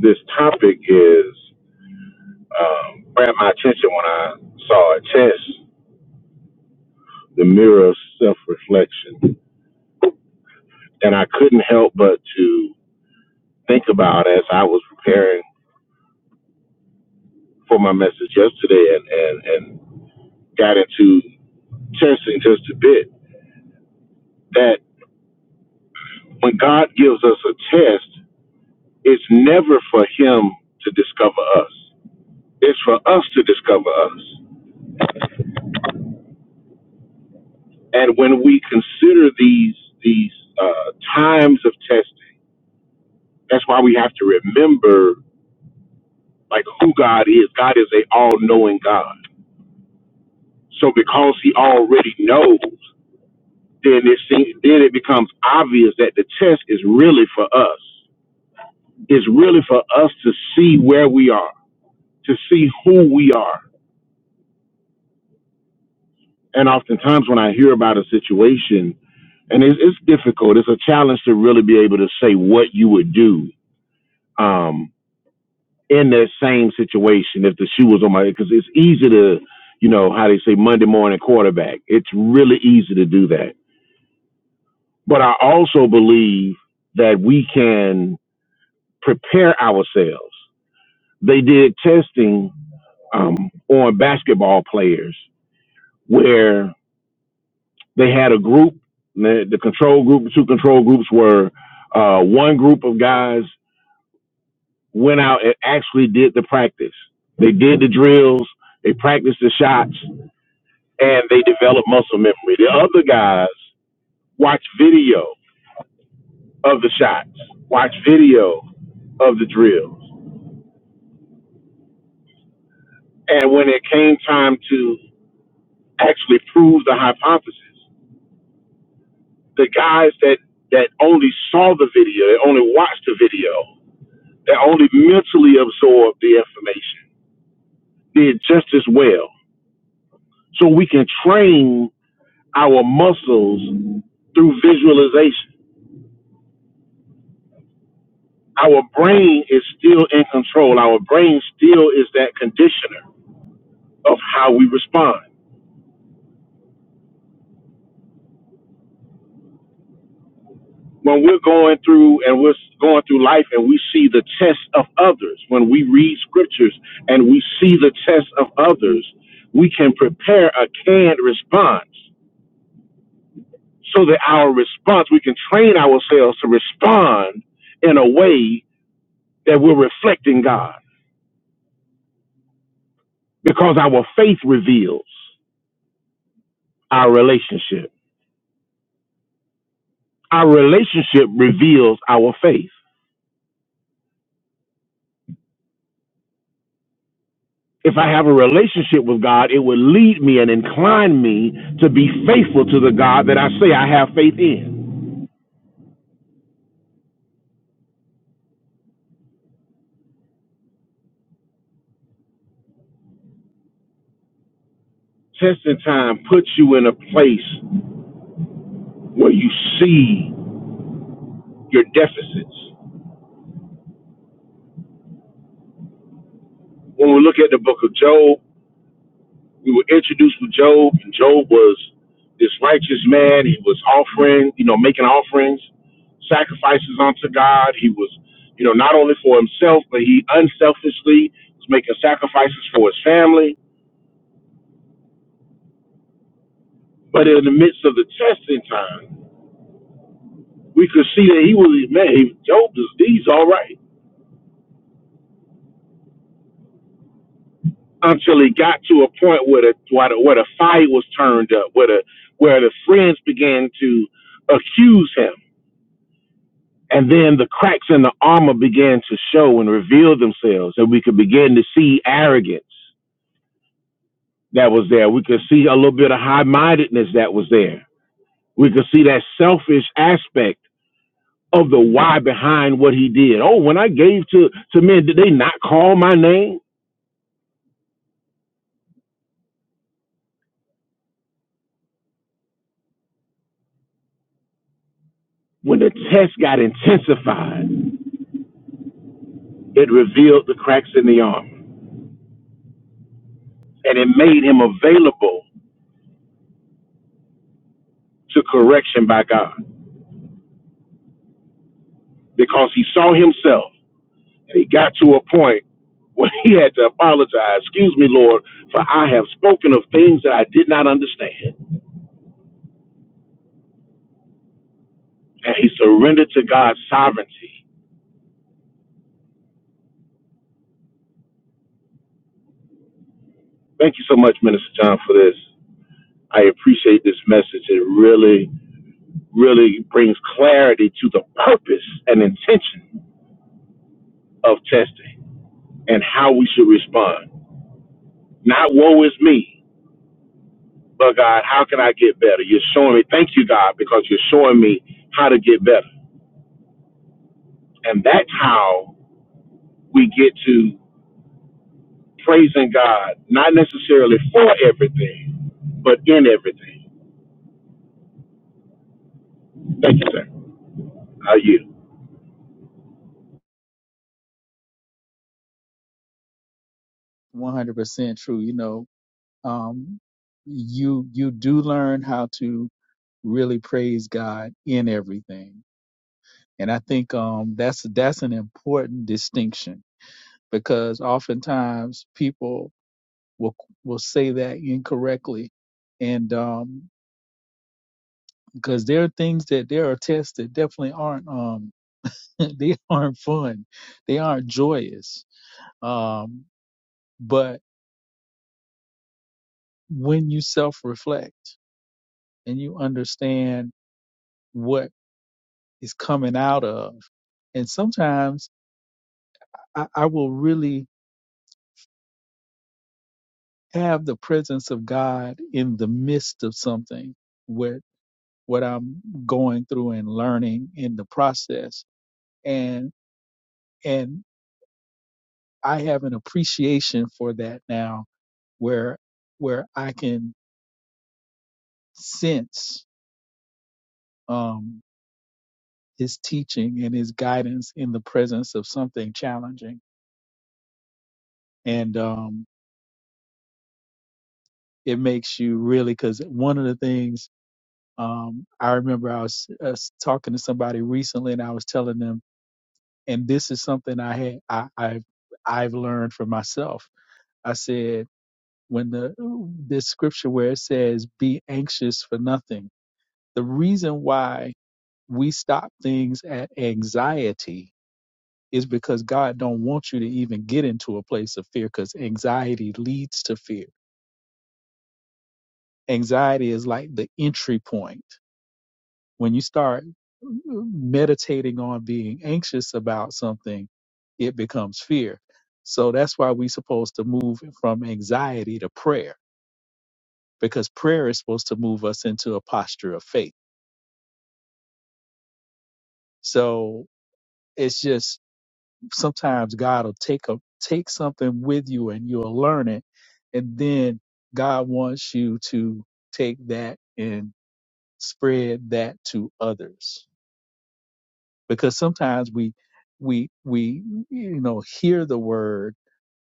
Speaker 2: this topic is um, grabbed my attention when I saw it. Test the mirror of self reflection, and I couldn't help but to think about as I was preparing for my message yesterday, and and and got into testing just a bit that when God gives us a test, it's never for Him to discover us. It's for us to discover us. And when we consider these these uh, times of testing, that's why we have to remember like who God is. God is a all knowing God. So because He already knows, then it seems, then it becomes obvious that the test is really for us. It's really for us to see where we are to see who we are. And oftentimes, when I hear about a situation, and it's, it's difficult, it's a challenge to really be able to say what you would do um, in that same situation if the shoe was on my because it's easy to, you know, how they say Monday morning quarterback. It's really easy to do that. But I also believe that we can prepare ourselves. They did testing um, on basketball players where they had a group. The, the control group, the two control groups were uh, one group of guys went out and actually did the practice. They did the drills, they practiced the shots, and they developed muscle memory. The other guys watched video of the shots, watched video of the drills. And when it came time to actually prove the hypothesis, the guys that, that only saw the video, that only watched the video, that only mentally absorb the information did just as well. So we can train our muscles through visualization. Our brain is still in control. Our brain still is that conditioner of how we respond. When we're going through and we're going through life and we see the test of others, when we read scriptures and we see the test of others, we can prepare a canned response so that our response, we can train ourselves to respond in a way that we're reflecting God because our faith reveals our relationship. Our relationship reveals our faith. If I have a relationship with God, it will lead me and incline me to be faithful to the God that I say I have faith in. Testing time puts you in a place where you see your deficits. When we look at the book of Job, we were introduced with Job, and Job was this righteous man. He was offering, you know, making offerings, sacrifices unto God. He was, you know, not only for himself, but he unselfishly was making sacrifices for his family. But in the midst of the testing time, we could see that he was, man, he, Job is these all right. Until he got to a point where the where the, where the fight was turned up, where the where the friends began to accuse him And then the cracks in the armor began to show and reveal themselves, and we could begin to see arrogance that was there. We could see a little bit of high mindedness that was there. We could see that selfish aspect of the why behind what he did. Oh, when I gave to, to men, did they not call my name? When the test got intensified, it revealed the cracks in the armor and it made him available to correction by God because he saw himself And he got to a point where he had to apologize. Excuse me, Lord, for I have spoken of things that I did not understand. And he surrendered to God's sovereignty. Thank you so much, Minister John, for this. I appreciate this message. It really, really brings clarity to the purpose and intention of testing and how we should respond. Not woe is me, but God, how can I get better? You're showing me, thank you, God, because you're showing me how to get better. And that's how we get to praising God, not necessarily for everything, but in everything. Thank you, sir. How are you?
Speaker 4: 100% true. You know, um, you you do learn how to really praise God in everything, and I think um that's that's an important distinction because oftentimes people will will say that incorrectly, and um because there are things that there are tests that definitely aren't um they aren't fun. They aren't joyous. Um, but when you self reflect and you understand what is coming out of, and sometimes I, I will really have the presence of God in the midst of something with what I'm going through and learning in the process. And, and I have an appreciation for that now where, where I can sense, um, his teaching and his guidance in the presence of something challenging. And um, it makes you really, because one of the things um, I remember I was, I was talking to somebody recently and I was telling them, and this is something I had, I, I've, I've learned for myself. I said, when the, uh, this scripture where it says, be anxious for nothing, the reason why we stop things at anxiety is because God don't want you to even get into a place of fear because anxiety leads to fear. Anxiety is like the entry point. When you start mm, meditating on being anxious about something, it becomes fear. So that's why we're supposed to move from anxiety to prayer because prayer is supposed to move us into a posture of faith. So it's just sometimes God will take a take something with you and you'll learn it, and then God wants you to take that and spread that to others because sometimes we we we you know hear the word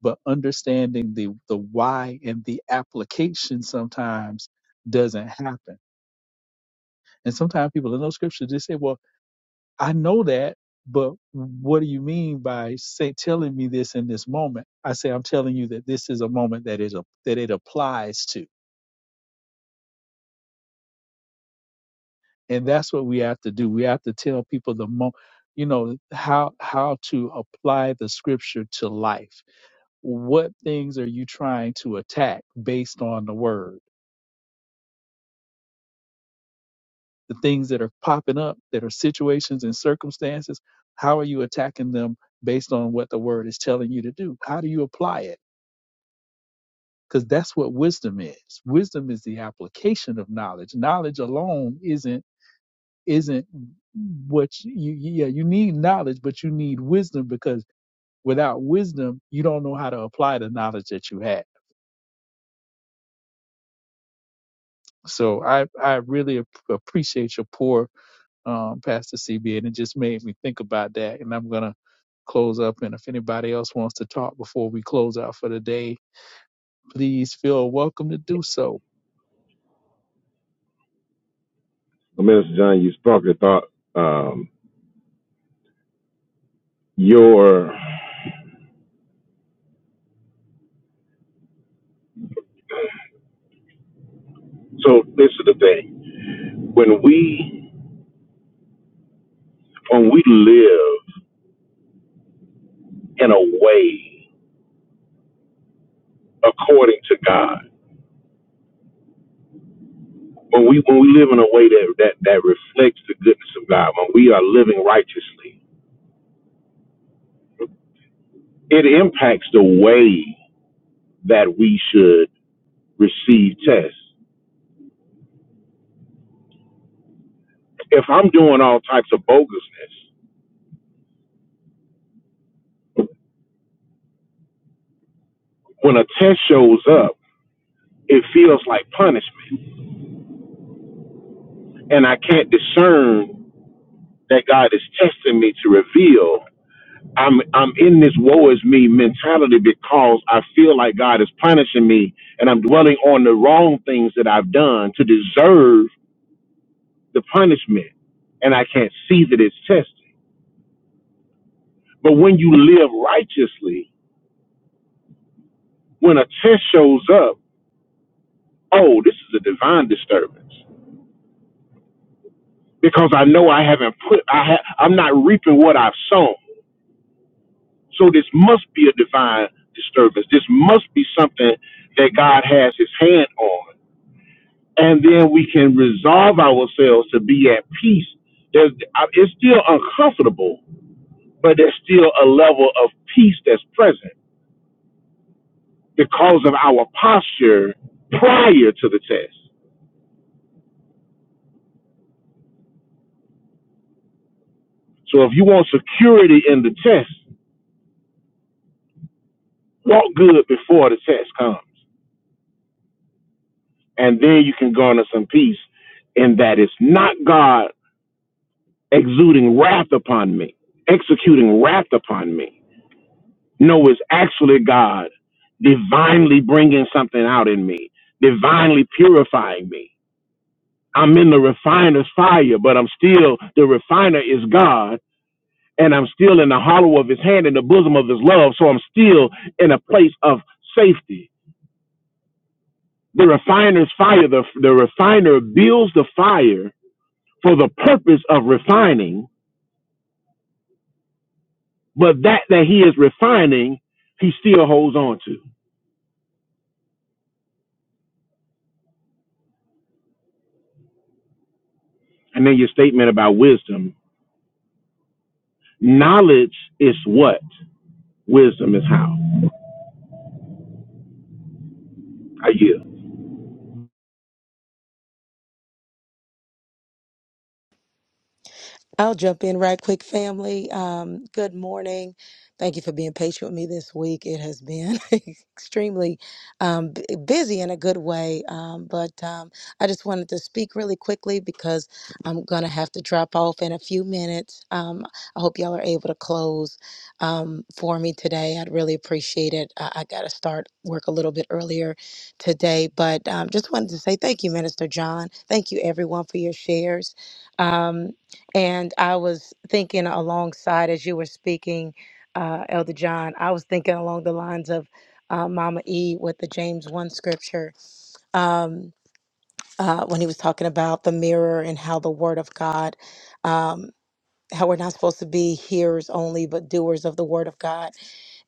Speaker 4: but understanding the the why and the application sometimes doesn't happen and sometimes people in those scriptures just say well I know that, but what do you mean by say telling me this in this moment? I say I'm telling you that this is a moment that is a that it applies to, and that's what we have to do. We have to tell people the mo, you know how how to apply the scripture to life. What things are you trying to attack based on the word? The things that are popping up that are situations and circumstances. How are you attacking them based on what the word is telling you to do? How do you apply it? because that's what wisdom is. Wisdom is the application of knowledge. Knowledge alone isn't isn't what you yeah you need knowledge, but you need wisdom because without wisdom you don't know how to apply the knowledge that you have. So I I really ap- appreciate your pour, um, Pastor CB, and it just made me think about that. And I'm gonna close up. And if anybody else wants to talk before we close out for the day, please feel welcome to do so.
Speaker 2: Well, Minister John, you sparked a thought. Um, your So this is the thing. When we when we live in a way according to God, when we when we live in a way that, that, that reflects the goodness of God, when we are living righteously, it impacts the way that we should receive tests. If I'm doing all types of bogusness, when a test shows up, it feels like punishment, and I can't discern that God is testing me to reveal. I'm I'm in this woe is me mentality because I feel like God is punishing me, and I'm dwelling on the wrong things that I've done to deserve the punishment, and I can't see that it's testing. But when you live righteously, when a test shows up, oh, this is a divine disturbance because I know I haven't put I ha- I'm not reaping what I've sown. So this must be a divine disturbance. This must be something that God has his hand on. And then we can resolve ourselves to be at peace. There's, I- it's still uncomfortable, but there's still a level of peace that's present because of our posture prior to the test. So if you want security in the test, walk good before the test comes. And then you can garner some peace in that it's not God exuding wrath upon me, executing wrath upon me. No, it's actually God divinely bringing something out in me, divinely purifying me. I'm in the refiner's fire, but I'm still, the refiner is God, and I'm still in the hollow of his hand, in the bosom of his love, so I'm still in a place of safety. The refiner's fire, the, the refiner builds the fire for the purpose of refining, But that that he is refining, he still holds on to. And then your statement about wisdom. Knowledge is what? Wisdom is how. I yield.
Speaker 5: I'll jump in right quick, family. Um, good morning. Thank you for being patient with me this week. It has been extremely um, b- busy in a good way, um, but um, I just wanted to speak really quickly because I'm going to have to drop off in a few minutes. Um, I hope y'all are able to close um, for me today. I'd really appreciate it. I, I got to start work a little bit earlier today, but um, just wanted to say thank you, Minister John. Thank you, everyone, for your shares. Um, and I was thinking alongside as you were speaking, uh, Elder John, I was thinking along the lines of uh, Mama E with the James 1 scripture um, uh, when he was talking about the mirror and how the Word of God, um, how we're not supposed to be hearers only, but doers of the Word of God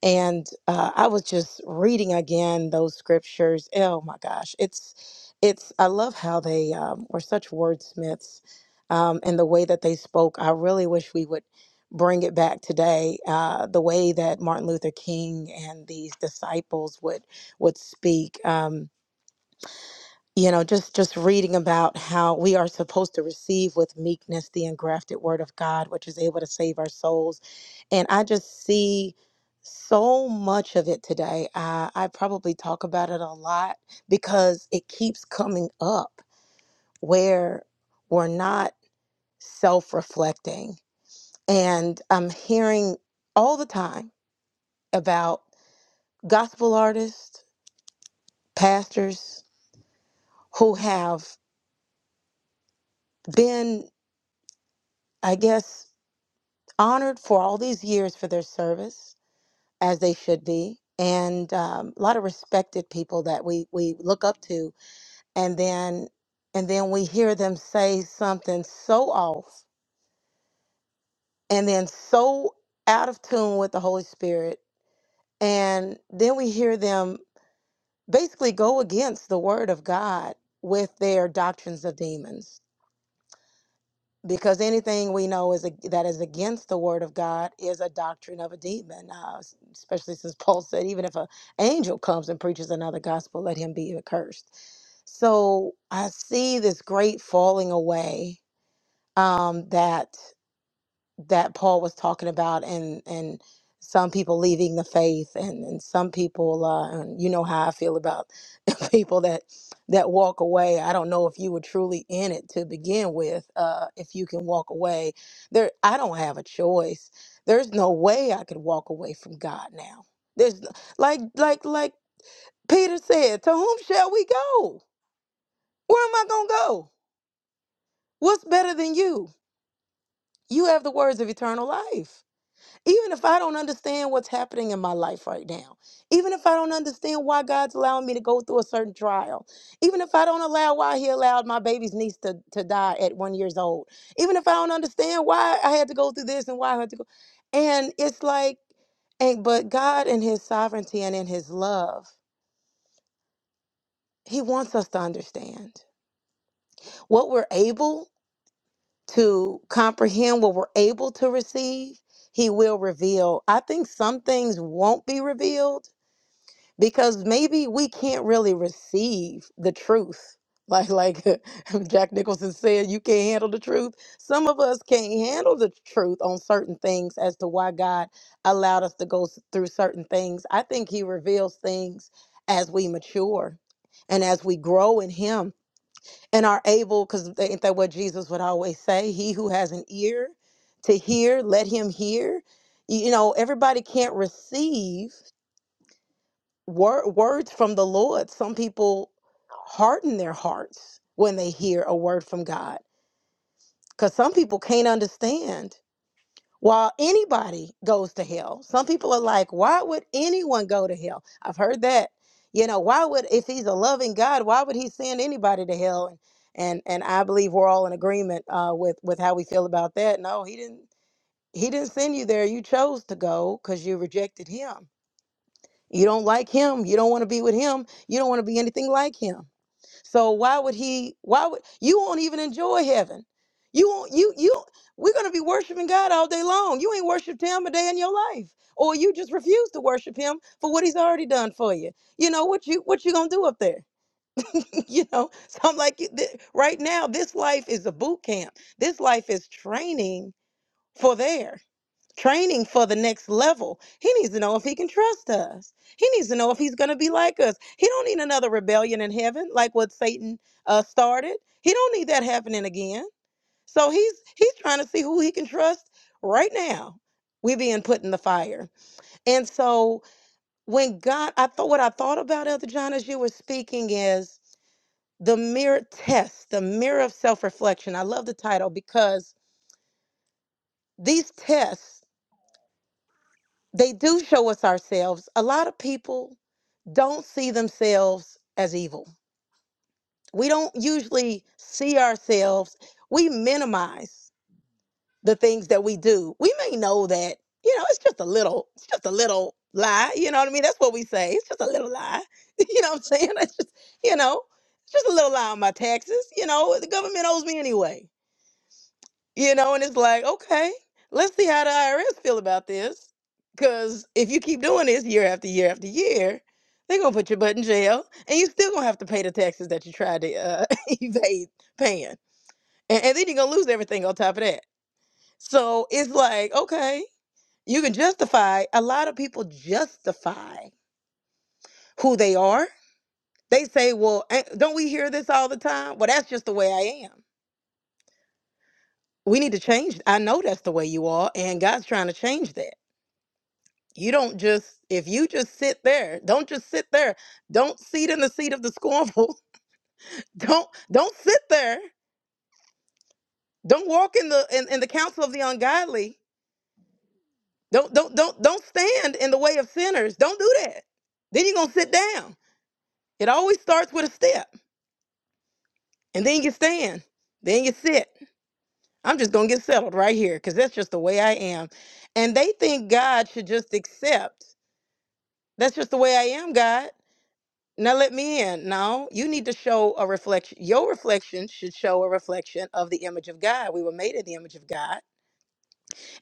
Speaker 5: and uh, I was just reading again those scriptures. eh, Oh my gosh, it's it's. I love how they um, were such wordsmiths, um, and the way that they spoke. I really wish we would bring it back today. Uh, the way that Martin Luther King and these disciples would would speak. Um, you know, just just reading about how we are supposed to receive with meekness the engrafted word of God, which is able to save our souls and I just see so much of it today. I, I probably talk about it a lot because it keeps coming up where we're not self reflecting. And I'm hearing all the time about gospel artists, pastors who have been, I guess, honored for all these years for their service, as they should be. And um, a lot of respected people that we, we look up to and then and then we hear them say something so off and then so out of tune with the holy spirit and then we hear them basically go against the word of god with their doctrines of demons because anything we know is ag- that is against the word of god is a doctrine of a demon uh, s- especially since paul said even if an angel comes and preaches another gospel let him be accursed so i see this great falling away um, that that Paul was talking about, and and some people leaving the faith, and and some people, uh, and you know how I feel about people that that walk away. I don't know if you were truly in it to begin with. Uh, if you can walk away, there, I don't have a choice. There's no way I could walk away from God now. There's n- like like like Peter said, to whom shall we go? Where am I gonna go? What's better than you? You have the words of eternal life Even if I don't understand what's happening in my life right now, even if I don't understand why God's allowing me to go through a certain trial, even if I don't allow why He allowed my baby's niece to, to die at one years old, even if I don't understand why I had to go through this and why I had to go, and it's like, and but God in His sovereignty and in His love, He wants us to understand what we're able to comprehend, what we're able to receive. He will reveal. I think some things won't be revealed because maybe we can't really receive the truth. Like like Jack Nicholson said, you can't handle the truth. Some of us can't handle the truth on certain things as to why God allowed us to go s- through certain things. I think he reveals things as we mature and as we grow in him and are able because ain't that what Jesus would always say? He who has an ear to hear, let him hear. You you know, everybody can't receive word, words from the Lord. Some people harden their hearts when they hear a word from God because some people can't understand why anybody goes to hell. Some people are like, why would anyone go to hell? I've heard that. You know, why would, if he's a loving God, why would he send anybody to hell? And and, and I believe we're all in agreement uh, with with how we feel about that. No, he didn't. He didn't send you there. You chose to go because you rejected him you don't like him. You don't want to be with him. You don't want to be anything like him. So why would he? Why would you won't even enjoy heaven? You won't. You you. We're gonna be worshiping God all day long. You ain't worshiped Him a day in your life, or you just refuse to worship Him for what He's already done for you. You know what you what you gonna do up there? you know. So I'm like, you- th- right now, this life is a boot camp. This life is training for there training for the next level. He needs to know if he can trust us. He needs to know if he's going to be like us. He don't need another rebellion in heaven like what Satan uh, started. He don't need that happening again. So he's he's trying to see who he can trust right now. We being put in the fire, and so when God, I thought what I thought about Elder John as you were speaking is the mirror test, the mirror of self reflection. I love the title because these tests They do show us ourselves. A lot of people don't see themselves as evil. We don't usually see ourselves. We minimize the things that we do. We may know that, you know, it's just a little, it's just a little lie. You know what I mean? That's what we say. It's just a little lie. You know what I'm saying? It's just, you know, it's just a little lie on my taxes. You know, the government owes me anyway You know, and it's like, okay, let's see how the IRS feel about this. Because if you keep doing this year after year after year, they're gonna put your butt in jail, and you still gonna have to pay the taxes that you tried to uh, evade paying, and, and then you're gonna lose everything on top of that. So it's like, okay, you can justify. A lot of people justify who they are. They say, well, ain't- don't we hear this all the time? Well, that's just the way I am. We need to change. I know that's the way you are, and God's trying to change that You don't just, if you just sit there, don't just sit there. Don't seat in the seat of the scornful. Don't don't sit there. Don't walk in the in, in the counsel of the ungodly. Don't don't don't don't stand in the way of sinners. Don't do that. Then you're gonna sit down. It always starts with a step, and then you stand, then you sit. I'm just gonna get settled right here, because that's just the way I am. And they think God should just accept. That's just the way I am, God. Now let me in. No, you need to show a reflection. Your reflection should show a reflection of the image of God. We were made in the image of God,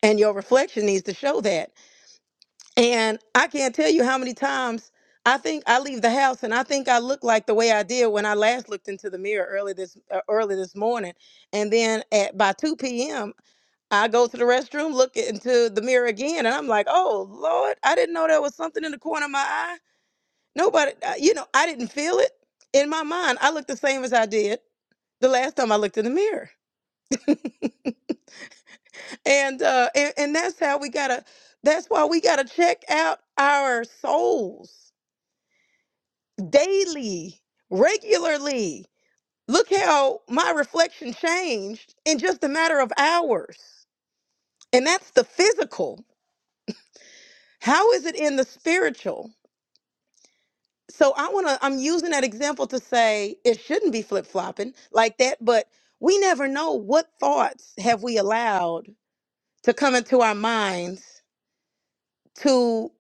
Speaker 5: and your reflection needs to show that. And I can't tell you how many times I think I leave the house and I think I look like the way I did when I last looked into the mirror early this uh, early this morning. And then at by 2 p.m., I go to the restroom, look into the mirror again, and I'm like, "Oh Lord, I didn't know there was something in the corner of my eye." Nobody, uh, you know, I didn't feel it in my mind. I looked the same as I did the last time I looked in the mirror, and uh, and, and that's how we gotta. That's why we gotta check out our souls daily, regularly. Look how my reflection changed in just a matter of hours, and that's the physical. How is it in the spiritual? so I want to, I'm using that example to say it shouldn't be flip flopping like that, but we never know what thoughts have we allowed to come into our minds to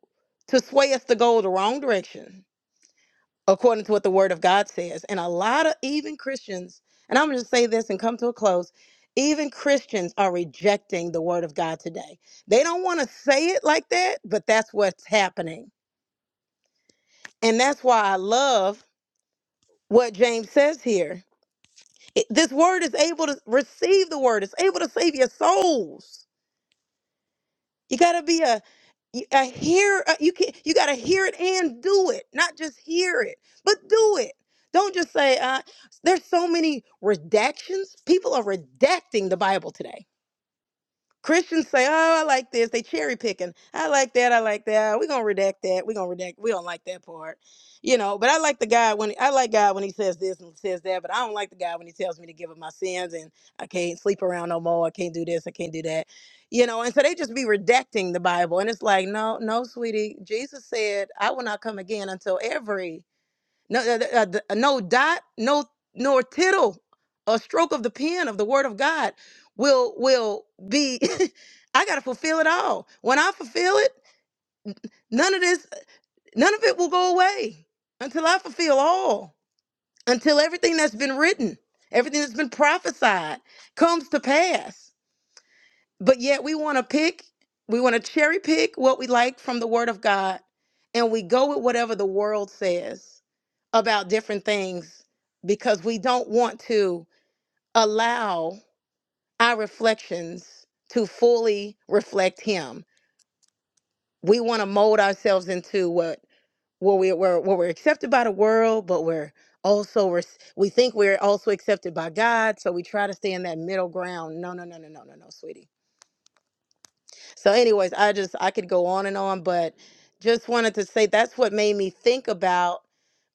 Speaker 5: to sway us to go the wrong direction according to what the word of god says and a lot of even christians and i'm going to say this and come to a close even christians are rejecting the word of god today they don't want to say it like that but that's what's happening and that's why i love what james says here It- this word is able to receive the word. It's able to save your souls. You gotta be a a hear. a- You can you gotta hear it and do it, not just hear it, but do it. Don't just say. Uh, there's so many redactions. People are redacting the Bible today Christians say, "Oh, I like this." They cherry picking. I like that. I like that. We're gonna redact that. We're gonna redact. We don't like that part, you know. But I like the guy when I like God when he says this and says that. But I don't like the guy when he tells me to give up my sins and I can't sleep around no more. I can't do this. I can't do that, you know. And so they just be redacting the Bible, and it's like, no, no, sweetie. Jesus said, "I will not come again until every." No, uh, uh, th- no dot, no nor tittle, a stroke of the pen of the word of God will will be. I gotta fulfill it all. When I fulfill it, none of this, none of it will go away until I fulfill all. Until everything that's been written, everything that's been prophesied, comes to pass. But yet we want to pick, we want to cherry pick what we like from the Word of God, and we go with whatever the world says about different things because we don't want to allow our reflections to fully reflect Him. We want to mold ourselves into what where we where, where we're accepted by the world, but we're also we're, we think we're also accepted by God, so we try to stay in that middle ground. No, no, no, no, no, no, no, sweetie So, anyways, I just I could go on and on, but just wanted to say that's what made me think about.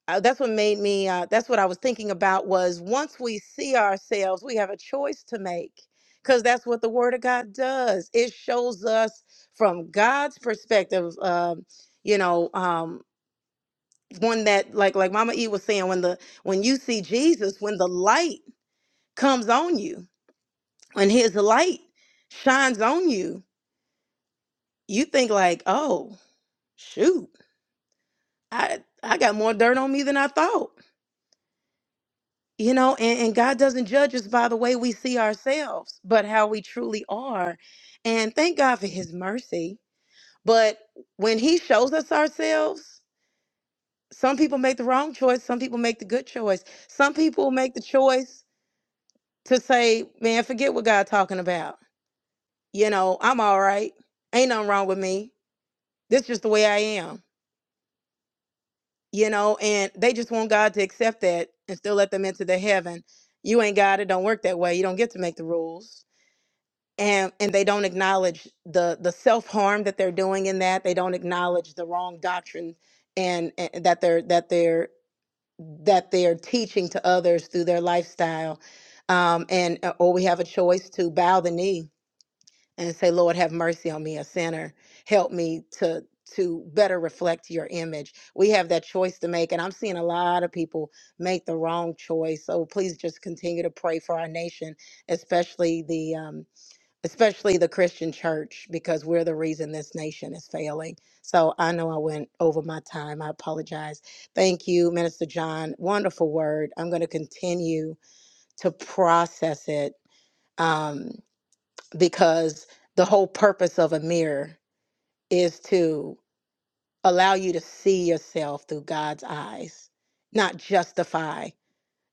Speaker 5: Uh, that's what made me. Uh, that's what I was thinking about was once we see ourselves, we have a choice to make because that's what the Word of God does. It shows us from God's perspective. Um, you know, um, one that like like Mama E was saying when the when you see Jesus, when the light comes on you, when His light shines on you, you think like, oh shoot I I got more dirt on me than I thought. You know, and, and God doesn't judge us by the way we see ourselves, but how we truly are. And thank God for his mercy. But when he shows us ourselves, some people make the wrong choice, some people make the good choice. Some people make the choice to say, Man, forget what God talking about. You know, I'm all right. Ain't nothing wrong with me. This just the way I am you know, and they just want God to accept that and still let them into the heaven. You ain't God, it don't work that way. You don't get to make the rules. And and they don't acknowledge the the self-harm that they're doing in that. They don't acknowledge the wrong doctrine and, and that they're that they're that they're teaching to others through their lifestyle. Um, and uh, or we have a choice to bow the knee and say, Lord, have mercy on me, a sinner. Help me to to better reflect your image. We have that choice to make. And I'm seeing a lot of people make the wrong choice. So please just continue to pray for our nation, especially the um especially the Christian church, because we're the reason this nation is failing. So I know I went over my time. I apologize. Thank you, Minister John. Wonderful word. I'm going to continue to process it. Um, because the whole purpose of a mirror is to allow you to see yourself through God's eyes, not justify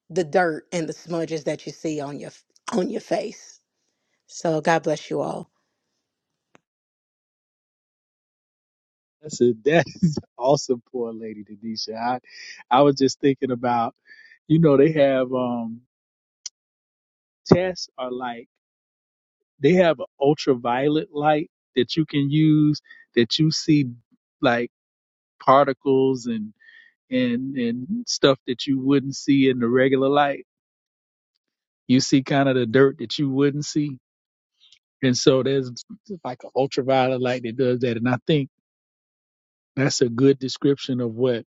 Speaker 5: the dirt and the smudges that you see on your on your face. So God bless you all.
Speaker 4: That's a, that is awesome, poor lady, Denisha. I, I was just thinking about, you know, they have um tests are like they have an ultraviolet light that you can use that you see like particles and and and stuff that you wouldn't see in the regular light. You see kind of the dirt that you wouldn't see, and so there's like an ultraviolet light that does that, and I think that's a good description of what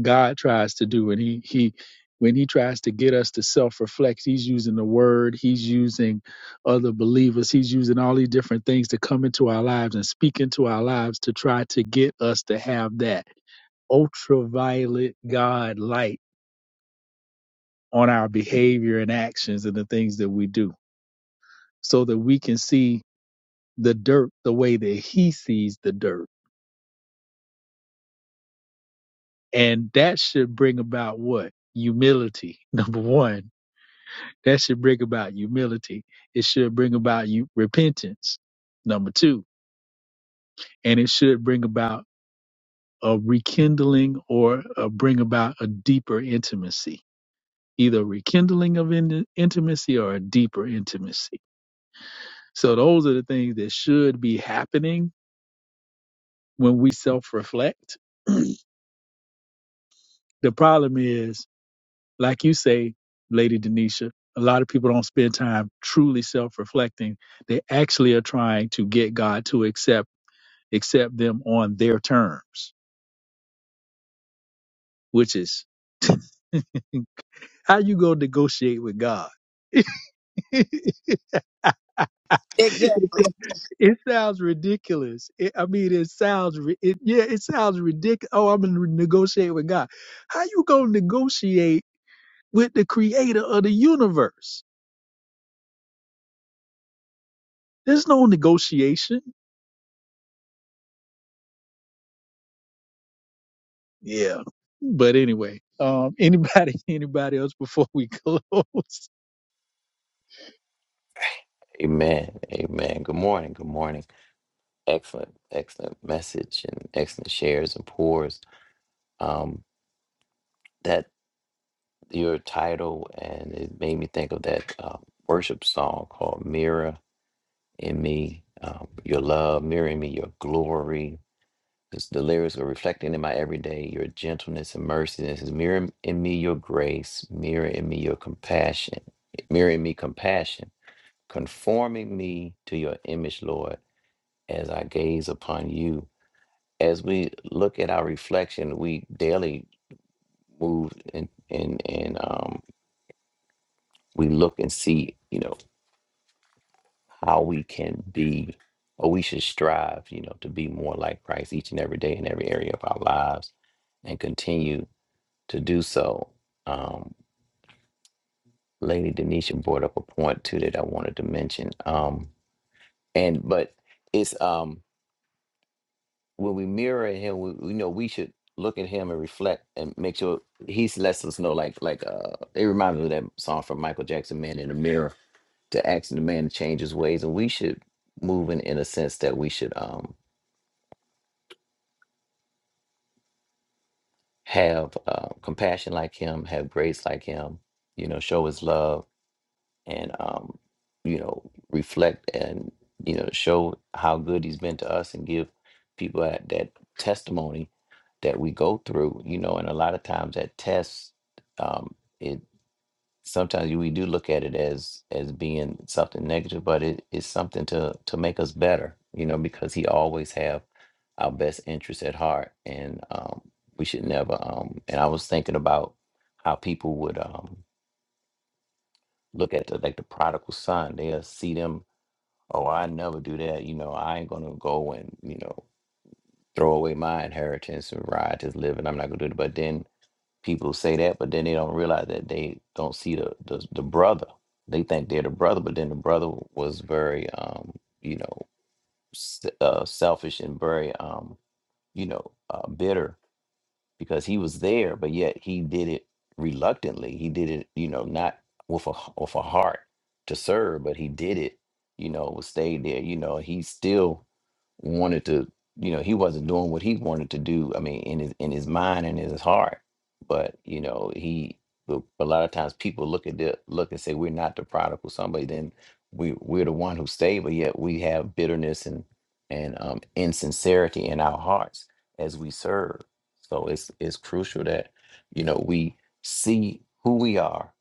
Speaker 4: God tries to do and he he when he tries to get us to self-reflect he's using the word he's using other believers he's using all these different things to come into our lives and speak into our lives to try to get us to have that ultraviolet god light on our behavior and actions and the things that we do so that we can see the dirt the way that he sees the dirt and that should bring about what humility number 1 That should bring about humility. It should bring about you repentance. Number two, and it should bring about a rekindling or uh bring about a deeper intimacy, either rekindling of in- intimacy or a deeper intimacy. So those are the things that should be happening when we self-reflect. the problem is, like you say, Lady Denisha, a lot of people don't spend time truly self-reflecting. They actually are trying to get God to accept accept them on their terms, which is how you go negotiate with God. it
Speaker 5: Exactly.
Speaker 4: sounds ridiculous. It, I mean, it sounds ri- it, yeah, it sounds ridiculous. Oh, I'm gonna negotiate with God. How you gonna negotiate with the Creator of the universe? There's no negotiation. Yeah, but anyway, um, anybody, anybody else before we close?
Speaker 6: Amen. Amen. Good morning. Good morning. Excellent, excellent message and excellent shares and pours. Um, that your title and it made me think of that uh, worship song called "Mirror in Me." Um, your love, mirror in me, your glory. Just the lyrics are reflecting in my everyday. Your gentleness and mercy. And It says, "Mirror in me your grace. Mirror in me your compassion. Mirror in me compassion. Conforming me to your image, Lord." as I gaze upon you. As we look at our reflection, we daily move and and and um, we look and see, you know, how we can be, or we should strive, you know, to be more like Christ each and every day in every area of our lives, and continue to do so. Um, Lady Denisha brought up a point too that I wanted to mention, um, and but it's um when we mirror him, we, we know we should look at him and reflect and make sure he's lets us know. Like like uh, it reminds me of that song from Michael Jackson, "Man in the Mirror," to ask the man to change his ways, and we should move in in a sense that we should um have uh, compassion like him, have grace like him, you know, show his love and um, you know reflect and you know show how good he's been to us and give people that, that testimony that we go through you know and a lot of times that test um, it sometimes we do look at it as as being something negative but it is something to to make us better you know because he always have our best interests at heart and um, we should never um, and i was thinking about how people would um, Look at the like the prodigal son. They'll see them, oh, I never do that. You know, I ain't gonna go and, you know, throw away my inheritance and riotous living. I'm not gonna do it. But then people say that, but then they don't realize that they don't see the the, the brother. They think they're the brother, but then the brother was very um, you know, s- uh, selfish and very um, you know, uh, bitter because he was there, but yet he did it reluctantly. He did it, you know, not with a h- with a heart to serve, but he did it, you know, stayed there. You know, he still wanted to, you know, he wasn't doing what he wanted to do. I mean, in his in his mind and in his heart, but you know, he. But a lot of times people look at the look and say we're not the prodigal somebody. Then we we're the one who stayed, but yet we have bitterness and and um, insincerity in our hearts as we serve so it's it's crucial that you know we see who we are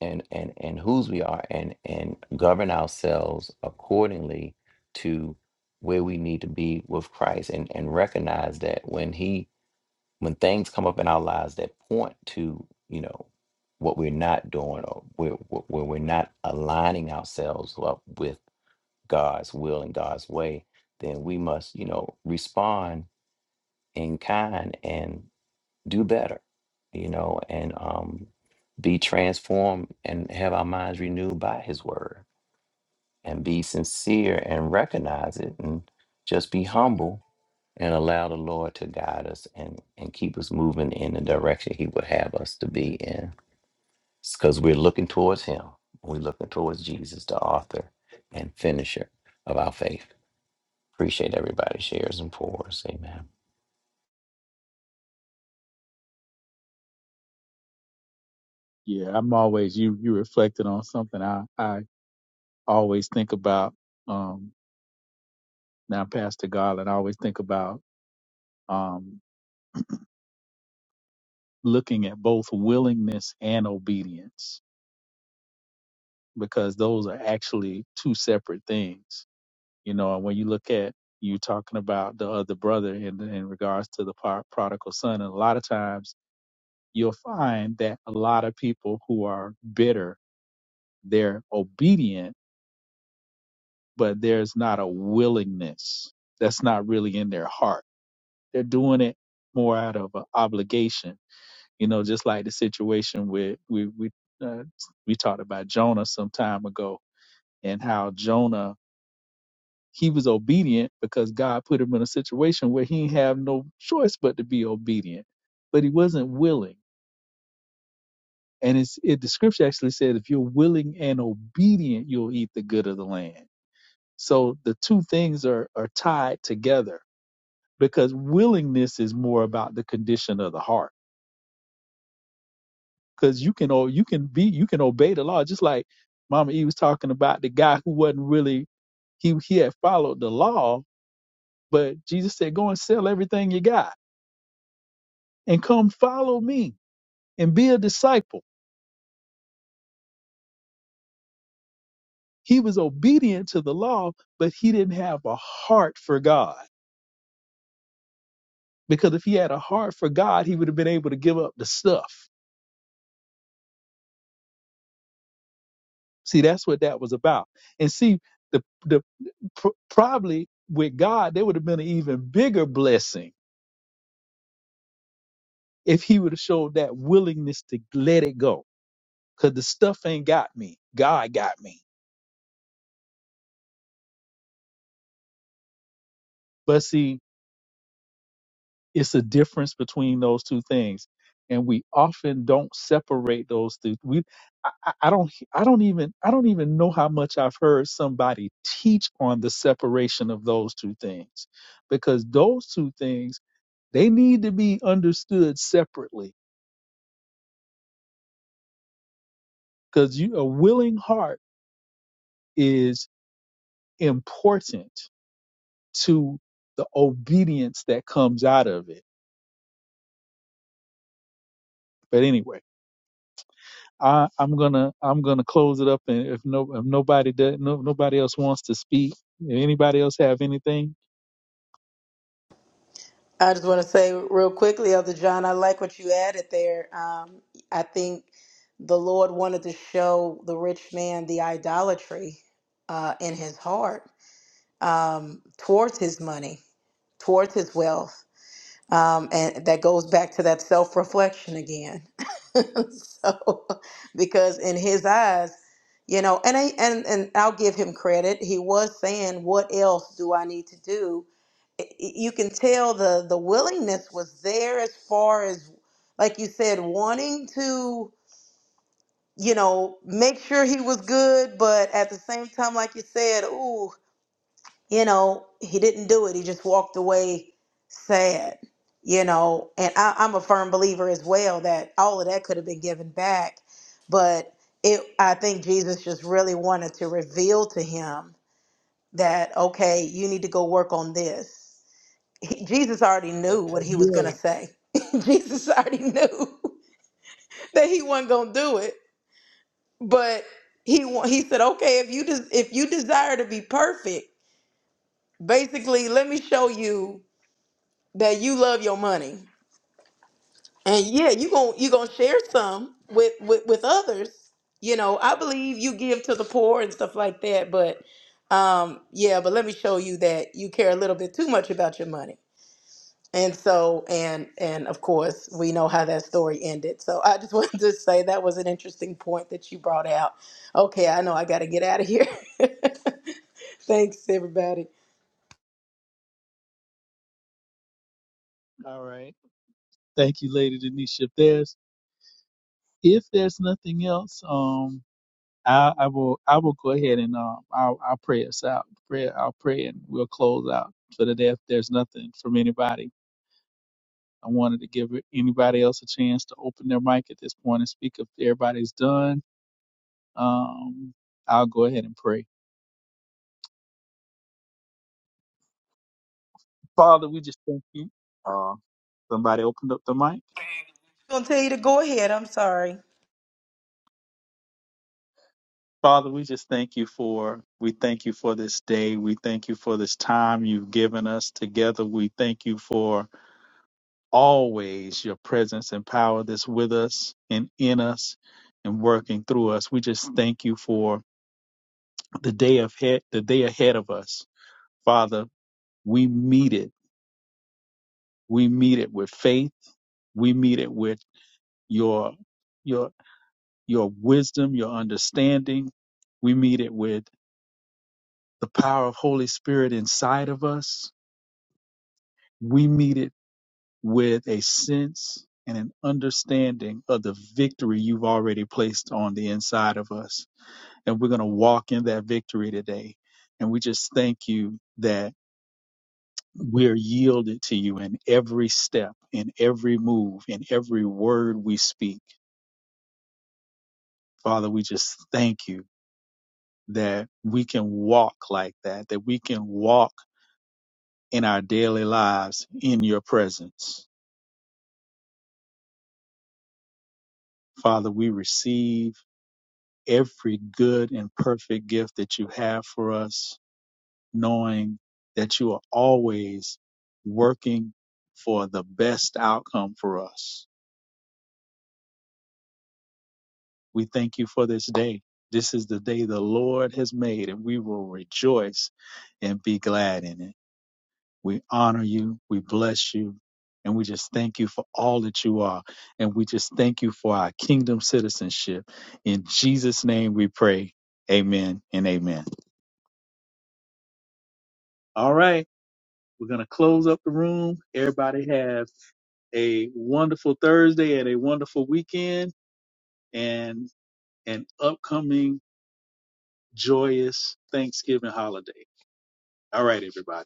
Speaker 6: and and and whose we are and and govern ourselves accordingly to where we need to be with Christ and and recognize that when he when things come up in our lives that point to you know what we're not doing or where where where we're not aligning ourselves up with God's will and God's way, then we must you know respond in kind and do better, you know, and um, be transformed and have our minds renewed by His Word and be sincere and recognize it and just be humble and allow the Lord to guide us and, and keep us moving in the direction He would have us to be in. Because we're looking towards Him, we're looking towards Jesus, the author and finisher of our faith. Appreciate everybody shares and pours. Amen.
Speaker 4: Yeah, I'm always you. You reflected on something. I I. always think about um, now pastor garland I always think about um, looking at both willingness and obedience because those are actually two separate things you know and when you look at you talking about the other brother in, in regards to the par- prodigal son and a lot of times you'll find that a lot of people who are bitter they're obedient but there's not a willingness that's not really in their heart They're doing it more out of a obligation, you know, just like the situation where we we uh, we talked about Jonah some time ago and how Jonah he was obedient because God put him in a situation where he didn't have no choice but to be obedient, but he wasn't willing. And it's it, the scripture actually says, if you're willing and obedient, you'll eat the good of the land. So the two things are are tied together because willingness is more about the condition of the heart because you can o- you can be you can obey the law just like Mama E was talking about the guy who wasn't really he he had followed the law, but Jesus said, "Go and sell everything you got and come follow me and be a disciple." He was obedient to the law, but he didn't have a heart for God because if he had a heart for God, he would have been able to give up the stuff. See, that's what that was about. And see, the the pr- probably with God, there would have been an even bigger blessing if he would have showed that willingness to let it go. Cause the stuff ain't got me. God got me. But see, it's a difference between those two things. And we often don't separate those two. We, I, I I don't, I don't even, I don't even know how much I've heard somebody teach on the separation of those two things, because those two things they need to be understood separately. Because you, a willing heart is important to the obedience that comes out of it. But anyway, I, I'm gonna I'm gonna close it up, and if no if nobody does, no, nobody else wants to speak, anybody else have anything?
Speaker 5: I just want to say real quickly, Elder John, I like what you added there. Um, I think the Lord wanted to show the rich man the idolatry uh, in his heart um, towards his money, towards his wealth. Um, and that goes back to that self reflection again. so, because in his eyes, you know, and I and and I'll give him credit. He was saying, "What else do I need to do?" I- I- You can tell the the willingness was there as far as, like you said, wanting to, you know, make sure he was good, but at the same time, like you said, ooh, you know, he didn't do it. He just walked away sad, you know. And I, I'm a firm believer as well that all of that could have been given back, but it. I think Jesus just really wanted to reveal to him that okay, you need to go work on this. He, Jesus already
Speaker 4: That,
Speaker 5: knew what
Speaker 4: that
Speaker 5: he was gonna
Speaker 4: will.
Speaker 5: say. Jesus already knew that he wasn't gonna do it, but he wa- he said, okay, if you des- if you desire to be perfect, basically, let me show you that you love your money and yeah you gon' you gonna share some with, with with others you know i believe you give to the poor and stuff like that but um yeah but let me show you that you care a little bit too much about your money and so and and of course we know how that story ended so i just wanted to say that was an interesting point that you brought out okay i know i gotta get out of here thanks everybody
Speaker 4: All right. Thank you, Lady Denisha. If there's if there's nothing else, um, I, I will I will go ahead and um I'll, I'll pray us out. Pray I'll pray and we'll close out for the day. If there's nothing from anybody, I wanted to give anybody else a chance to open their mic at this point and speak. If everybody's done, um, I'll go ahead and pray. Father, we just thank you. Uh, somebody opened up the mic.
Speaker 5: i'm gonna tell you to go ahead i'm sorry
Speaker 4: Father, we just thank you for we thank you for this day. We thank you for this time you've given us together. We thank you for always your presence and power that's with us and in us and working through us. We just thank you for the day ahead, the day ahead of us. Father, we meet it. We meet it with faith. We meet it with your your your wisdom, your understanding. We meet it with the power of Holy Spirit inside of us. We meet it with a sense and an understanding of the victory you've already placed on the inside of us. and we're going to walk in that victory today. And we just thank you that we're yielded to you in every step, in every move, in every word we speak. Father, we just thank you that we can walk like that, that we can walk in our daily lives in your presence. Father, we receive every good and perfect gift that you have for us knowing that you are always working for the best outcome for us. We thank you for this day. This is the day the Lord has made, and we will rejoice and be glad in it. We honor you, we bless you, and we just thank you for all that you are. And we just thank you for our kingdom citizenship. In Jesus' name we pray. Amen and amen. All right, we're going to close up the room. Everybody have a wonderful Thursday and a wonderful weekend and an upcoming joyous Thanksgiving holiday. All right, everybody.